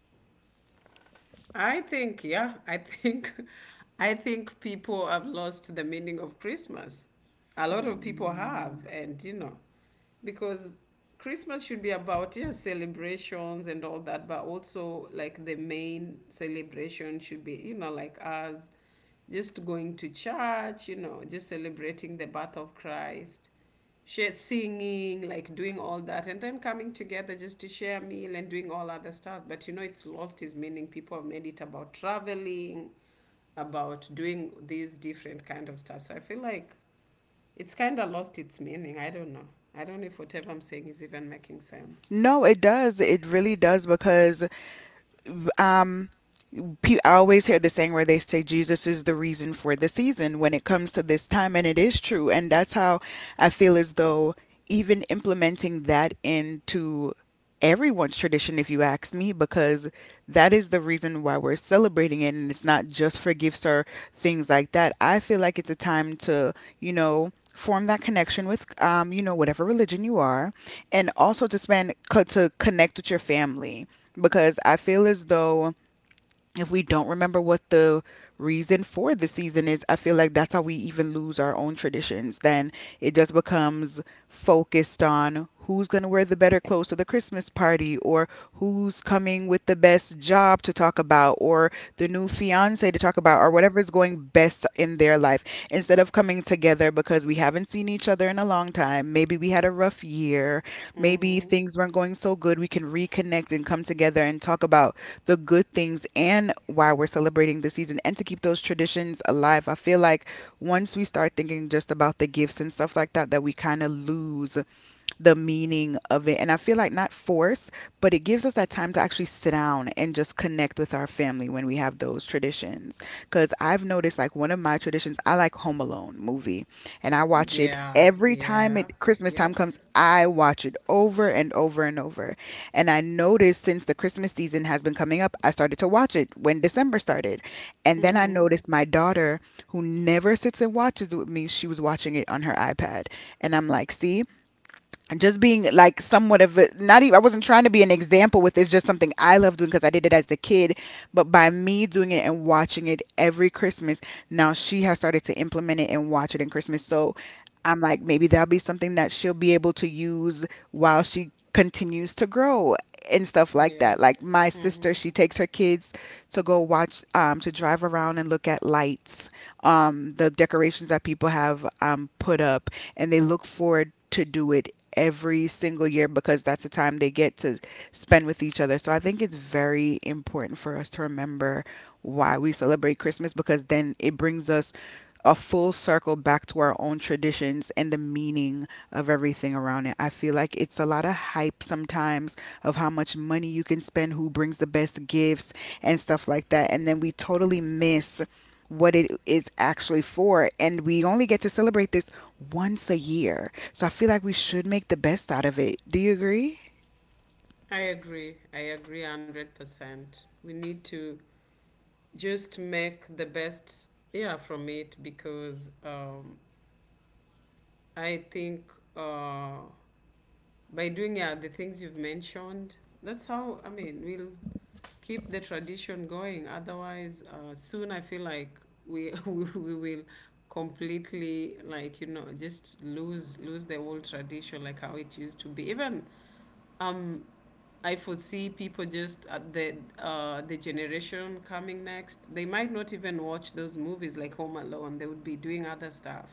Speaker 2: I think, yeah, I think, I think people have lost the meaning of Christmas. A lot of people
Speaker 1: Hmm.
Speaker 2: have, and you know, because Christmas should be about, yeah, celebrations and all that, but also like the main celebration should be, you know, like us just going to church, you know, just celebrating the birth of Christ, shared singing, like doing all that, and then coming together just to share a meal and doing all other stuff. But you know, it's lost its meaning. People have made it about traveling, about doing these different kind of stuff. So I feel like it's kind of lost its meaning. I don't know. I don't know if whatever I'm saying is even making sense.
Speaker 1: No, it does. It really does because v- um pe- I always hear the saying where they say Jesus is the reason for the season when it comes to this time, and it is true. And that's how I feel as though, even implementing that into everyone's tradition if you ask me, because that is the reason why we're celebrating it, and it's not just for gifts or things like that. I feel like it's a time to, you know, form that connection with um you know whatever religion you are, and also to spend co- to connect with your family. Because I feel as though if we don't remember what the reason for the season is, I feel like that's how we even lose our own traditions. Then it just becomes focused on who's going to wear the better clothes to the Christmas party, or who's coming with the best job to talk about, or the new fiance to talk about, or whatever is going best in their life, instead of coming together because we haven't seen each other in a long time. Maybe we had a rough year. Maybe
Speaker 2: Mm-hmm.
Speaker 1: things weren't going so good. We can reconnect and come together and talk about the good things and why we're celebrating this season, and to keep those traditions alive. I feel like once we start thinking just about the gifts and stuff like that, that we kind of lose the meaning of it. And I feel like not force, but it gives us that time to actually sit down and just connect with our family when we have those traditions. Because I've noticed, like, one of my traditions, I like Home Alone movie, and I watch it
Speaker 2: Yeah,
Speaker 1: every time
Speaker 2: yeah,
Speaker 1: it Christmas time
Speaker 2: yep.
Speaker 1: comes. I watch it over and over and over. And I noticed since the Christmas season has been coming up, I started to watch it when December started. And then I
Speaker 2: Mm-hmm.
Speaker 1: noticed my daughter, who never sits and watches with me, she was watching it on her iPad. And I'm like, see, and just being like somewhat of a, not even, I wasn't trying to be an example with it's just something I love doing because I did it as a kid, but by me doing it and watching it every Christmas, now she has started to implement it and watch it in Christmas. So I'm like, maybe that'll be something that she'll be able to use while she continues to grow and stuff like that. Like
Speaker 2: Yes.
Speaker 1: my sister,
Speaker 2: Mm-hmm.
Speaker 1: she takes her kids to go watch, um to drive around and look at lights, um the decorations that people have um put up, and they look forward to do it every single year because that's the time they get to spend with each other. So I think it's very important for us to remember why we celebrate Christmas, because then it brings us a full circle back to our own traditions and the meaning of everything around it. I feel like it's a lot of hype sometimes of how much money you can spend, who brings the best gifts, and stuff like that. And then we totally miss what it is actually for. And we only get to celebrate this once a year. So I feel like we should make the best out of it. Do you agree?
Speaker 2: I agree. I agree one hundred percent. We need to just make the best, yeah, from it. Because um, I think, uh, by doing, yeah, the things you've mentioned, that's how I mean we'll keep the tradition going. Otherwise, uh, soon I feel like we we we will completely, like, you know, just lose lose the old tradition, like how it used to be. Even um I foresee people just, uh, the uh, the generation coming next. They might not even watch those movies like Home Alone. They would be doing other stuff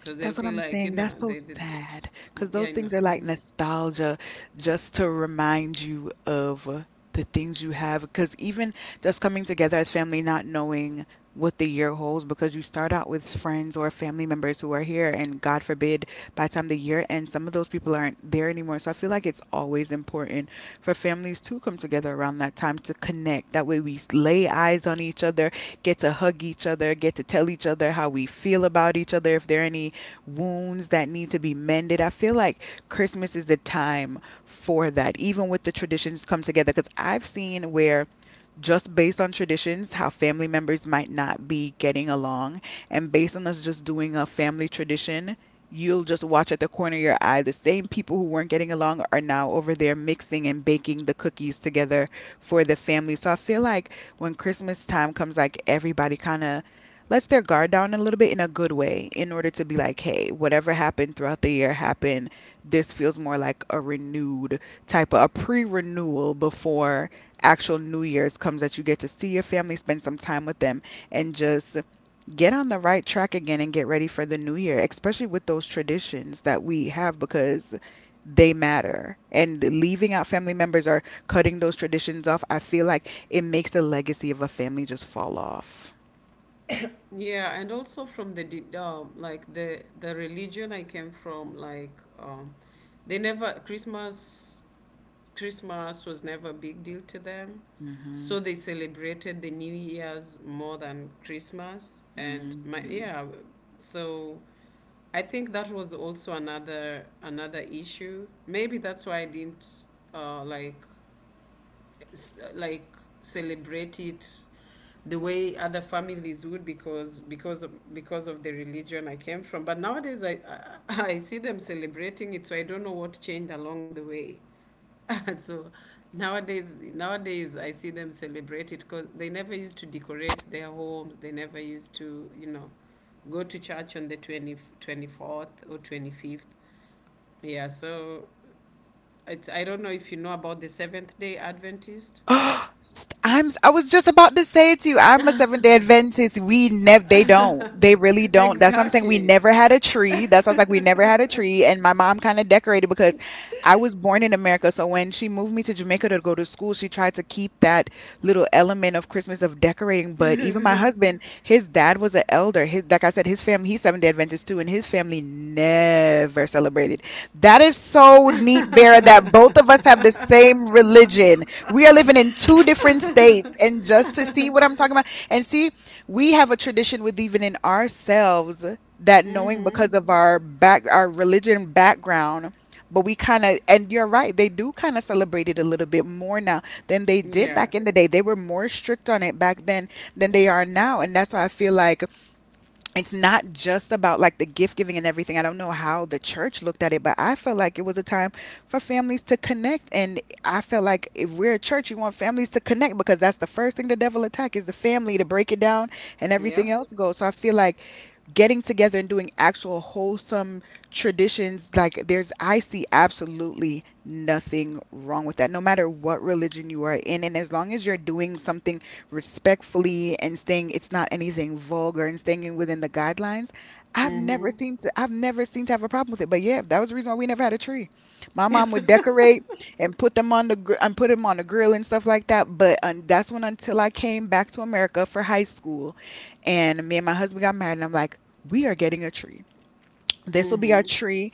Speaker 2: because they'll
Speaker 1: That's what
Speaker 2: feel
Speaker 1: I'm
Speaker 2: like, you
Speaker 1: saying.
Speaker 2: know,
Speaker 1: That's so
Speaker 2: they did.
Speaker 1: sad because
Speaker 2: Yeah,
Speaker 1: those
Speaker 2: I know.
Speaker 1: things are like
Speaker 2: Hmm
Speaker 1: nostalgia, just to remind you of the things you have. Because even just coming together as family, not knowing what the year holds, because you start out with friends or family members who are here, and God forbid, by the time the year ends, some of those people aren't there anymore. So I feel like it's always important for families to come together around that time to connect. That way we lay eyes on each other, get to hug each other, get to tell each other how we feel about each other, if there are any wounds that need to be mended. I feel like Christmas is the time for that, even with the traditions come together. Because I've seen where just based on traditions, how family members might not be getting along, and based on us just doing a family tradition, you'll just watch at the corner of your eye the same people who weren't getting along are now over there mixing and baking the cookies together for the family. So I feel like when Christmas time comes, like everybody kind of lets their guard down a little bit in a good way in order to be like, hey, whatever happened throughout the year happened. This feels more like a renewed type of a pre renewal before actual New Year's comes, that you get to see your family, spend some time with them, and just get on the right track again and get ready for the New Year, especially with those traditions that we have, because they matter. And leaving out family members or cutting those traditions off, I feel like it makes the legacy of a family just fall off.
Speaker 2: Yeah, and also from the de- um, like the the religion I came from, like um, they never Christmas Christmas was never a big deal to them,
Speaker 1: Hmm.
Speaker 2: so they celebrated the New Year's more than Christmas. And my,
Speaker 1: Hmm.
Speaker 2: yeah, so I think that was also another another issue. Maybe that's why I didn't, uh, like s- like, celebrate it the way other families would, because because of, because of the religion I came from. But nowadays I, I I see them celebrating it, so I don't know what changed along the way. so nowadays nowadays I see them celebrate it because they never used to decorate their homes. They never used to, you know, go to church on the twenty twenty fourth or twenty-fifth. Yeah, so it's, I don't know if you know about the Seventh Day Adventist.
Speaker 1: St- I'm s- I was just about to say it to you. I'm a Seventh Day Adventist. We never, they don't. They really don't. That's what I'm saying. We
Speaker 2: exactly.
Speaker 1: never had a tree. That's why I was like, we never had a tree. And my mom kind of decorated because I was born in America. So when she moved me to Jamaica to go to school, she tried to keep that little element of Christmas of decorating. But even my husband, his dad was an elder. His, like I said, his family, he's Seventh Day Adventist too, and his family never celebrated. That is so neat, Vera, that both of us have the same religion, we are living in two different states. And just to see what I'm talking about, and see, we have a tradition with even in ourselves, that knowing
Speaker 2: Mhm.
Speaker 1: because of our back, our religion background, but we kind of, and you're right, they do kind of celebrate it a little bit more now than they did
Speaker 2: Yeah.
Speaker 1: back in the day. They were more strict on it back then than they are now. And that's why I feel like it's not just about like the gift giving and everything. I don't know how the church looked at it, but I felt like it was a time for families to connect. And I felt like if we're a church, you want families to connect because that's the first thing the devil attack is the family, to break it down and everything
Speaker 2: Yep.
Speaker 1: else goes. So I feel like getting together and doing actual wholesome traditions, like, there's, I see absolutely nothing wrong with that, no matter what religion you are in, and as long as you're doing something respectfully and staying, it's not anything vulgar, and staying in- within the guidelines, I've never
Speaker 2: Mhm.
Speaker 1: seen to, I've never seen to have a problem with it. But yeah, that was the reason why we never had a tree. My mom would decorate and put them on the gr- and put them on the grill and stuff like that, but um, that's when, until I came back to America for high school and me and my husband got married, and I'm like, we are getting a tree. This will be our
Speaker 2: Mhm.
Speaker 1: tree,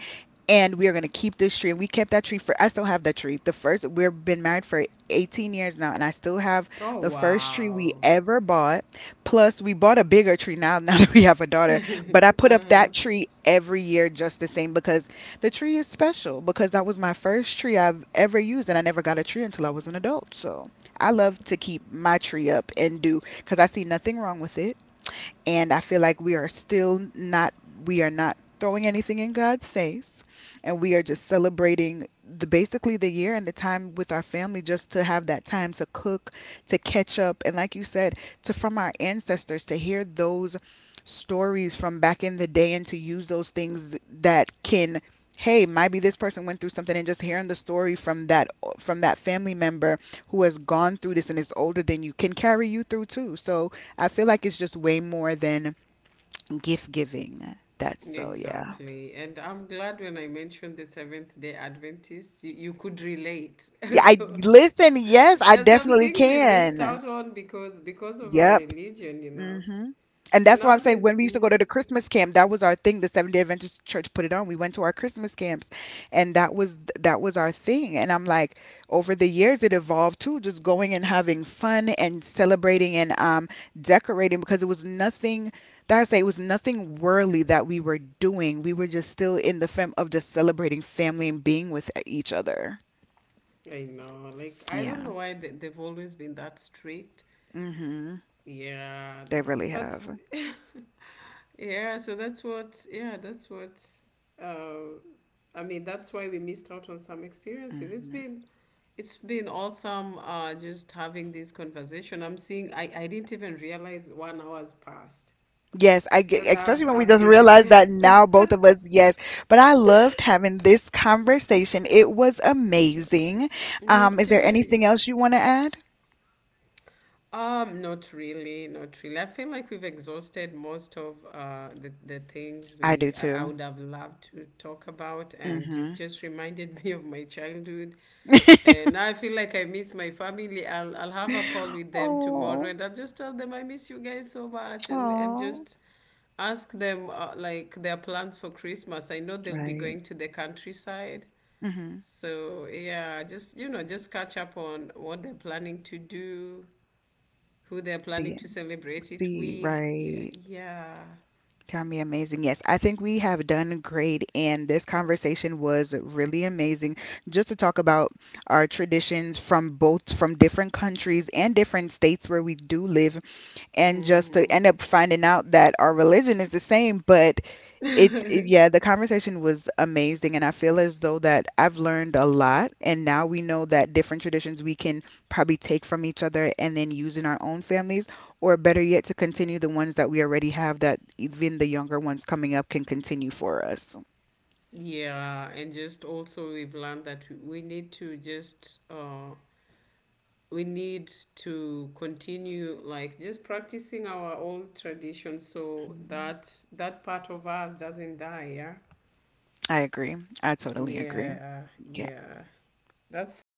Speaker 1: and we are going to keep this tree. And we kept that tree for, I still have that tree. The first, we've been married for eighteen years now, and I still have
Speaker 2: Oh
Speaker 1: the first tree we
Speaker 2: wow.
Speaker 1: ever bought. Plus, we bought a bigger tree now, now that we have a daughter. But I put up
Speaker 2: Uh-huh.
Speaker 1: that tree every year just the same because the tree is special, because that was my first tree I've ever used, and I never got a tree until I was an adult. So I love to keep my tree up and do, because I see nothing wrong with it, and I feel like we are still not, we are not throwing anything in God's face, and we are just celebrating the basically the year and the time with our family, just to have that time to cook, to catch up, and like you said, to, from our ancestors, to hear those stories from back in the day, and to use those things that can, hey, maybe this person went through something, and just hearing the story from that, from that family member who has gone through this and is older than you can carry you through too. So I feel like it's just way more than gift giving. That's so, yeah.
Speaker 2: Exactly. And I'm glad when I mentioned the Seventh Day Adventist, you, you could relate.
Speaker 1: Yeah, I
Speaker 2: so
Speaker 1: listen, yes, I
Speaker 2: there's some
Speaker 1: definitely
Speaker 2: things we missed
Speaker 1: can.
Speaker 2: out on because because of our
Speaker 1: Yep.
Speaker 2: religion, you know.
Speaker 1: Hmm. And
Speaker 2: But
Speaker 1: that's why I'm saying,
Speaker 2: nowadays,
Speaker 1: when we used to go to
Speaker 2: mm,
Speaker 1: the Christmas camp, that was our thing. The Seventh Day Adventist Church put it on. We went to our Christmas camps, and that was, that was our thing. And I'm like, over the years, it evolved too, just going and having fun and celebrating and, um, decorating, because it was nothing. That, I say, it was nothing worldly that we were doing. We were just still in the fam of just celebrating family and being with each other.
Speaker 2: I know, like I don't know
Speaker 1: Yeah.
Speaker 2: why they, they've always been that strict.
Speaker 1: Hmm.
Speaker 2: Yeah,
Speaker 1: They
Speaker 2: it's
Speaker 1: really
Speaker 2: but
Speaker 1: have.
Speaker 2: yeah, so that's what yeah, that's what uh, I mean, that's why we missed out on some experiences. It's
Speaker 1: Mm-hmm.
Speaker 2: been it's been awesome, uh, just having this conversation. I'm seeing I, I didn't even realize one hour's passed,
Speaker 1: Yes, I get,
Speaker 2: because
Speaker 1: especially
Speaker 2: I've
Speaker 1: when we
Speaker 2: I've
Speaker 1: just
Speaker 2: been
Speaker 1: realized
Speaker 2: enjoying.
Speaker 1: that now both of us, yes. But I loved having this conversation. It was amazing.
Speaker 2: Me
Speaker 1: Um, is there
Speaker 2: too.
Speaker 1: anything else you want to add?
Speaker 2: Um, not really, not really. I feel like we've exhausted most of uh the, the things
Speaker 1: I do
Speaker 2: we I, I
Speaker 1: too.
Speaker 2: would have loved to talk about, and
Speaker 1: Mm-hmm.
Speaker 2: you've just reminded me of my childhood. And now I feel like I miss my family. I'll I'll have a call with them tomorrow,
Speaker 1: Oh.
Speaker 2: and I'll just tell them I miss you guys so much, and and
Speaker 1: Oh,
Speaker 2: just ask them, uh, like, their plans for Christmas. I know they'll be
Speaker 1: right.
Speaker 2: going to the countryside.
Speaker 1: Mm-hmm.
Speaker 2: So yeah, just, you know, just catch up on what they're planning to do, who they're planning
Speaker 1: The,
Speaker 2: to celebrate it
Speaker 1: see,
Speaker 2: with. Yeah,
Speaker 1: right.
Speaker 2: yeah.
Speaker 1: Tell me, amazing. Yes, I think we have done great, and this conversation was really amazing, just to talk about our traditions from both, from different countries and different states where we do live, and just to
Speaker 2: Mhm.
Speaker 1: end up finding out that our religion is the same, but it, it yeah, the conversation was amazing, and I feel as though that I've learned a lot, and now we know that different traditions we can probably take from each other and then use in our own families, or better yet, to continue the ones that we already have, that even the younger ones coming up can continue for us.
Speaker 2: Yeah, and just also we've learned that we need to just, uh we need to continue, like, just practicing our old traditions so
Speaker 1: Mhm.
Speaker 2: that that part of us doesn't die, yeah.
Speaker 1: I agree. I totally agree.
Speaker 2: Yeah,
Speaker 1: Yeah.
Speaker 2: yeah. That's that's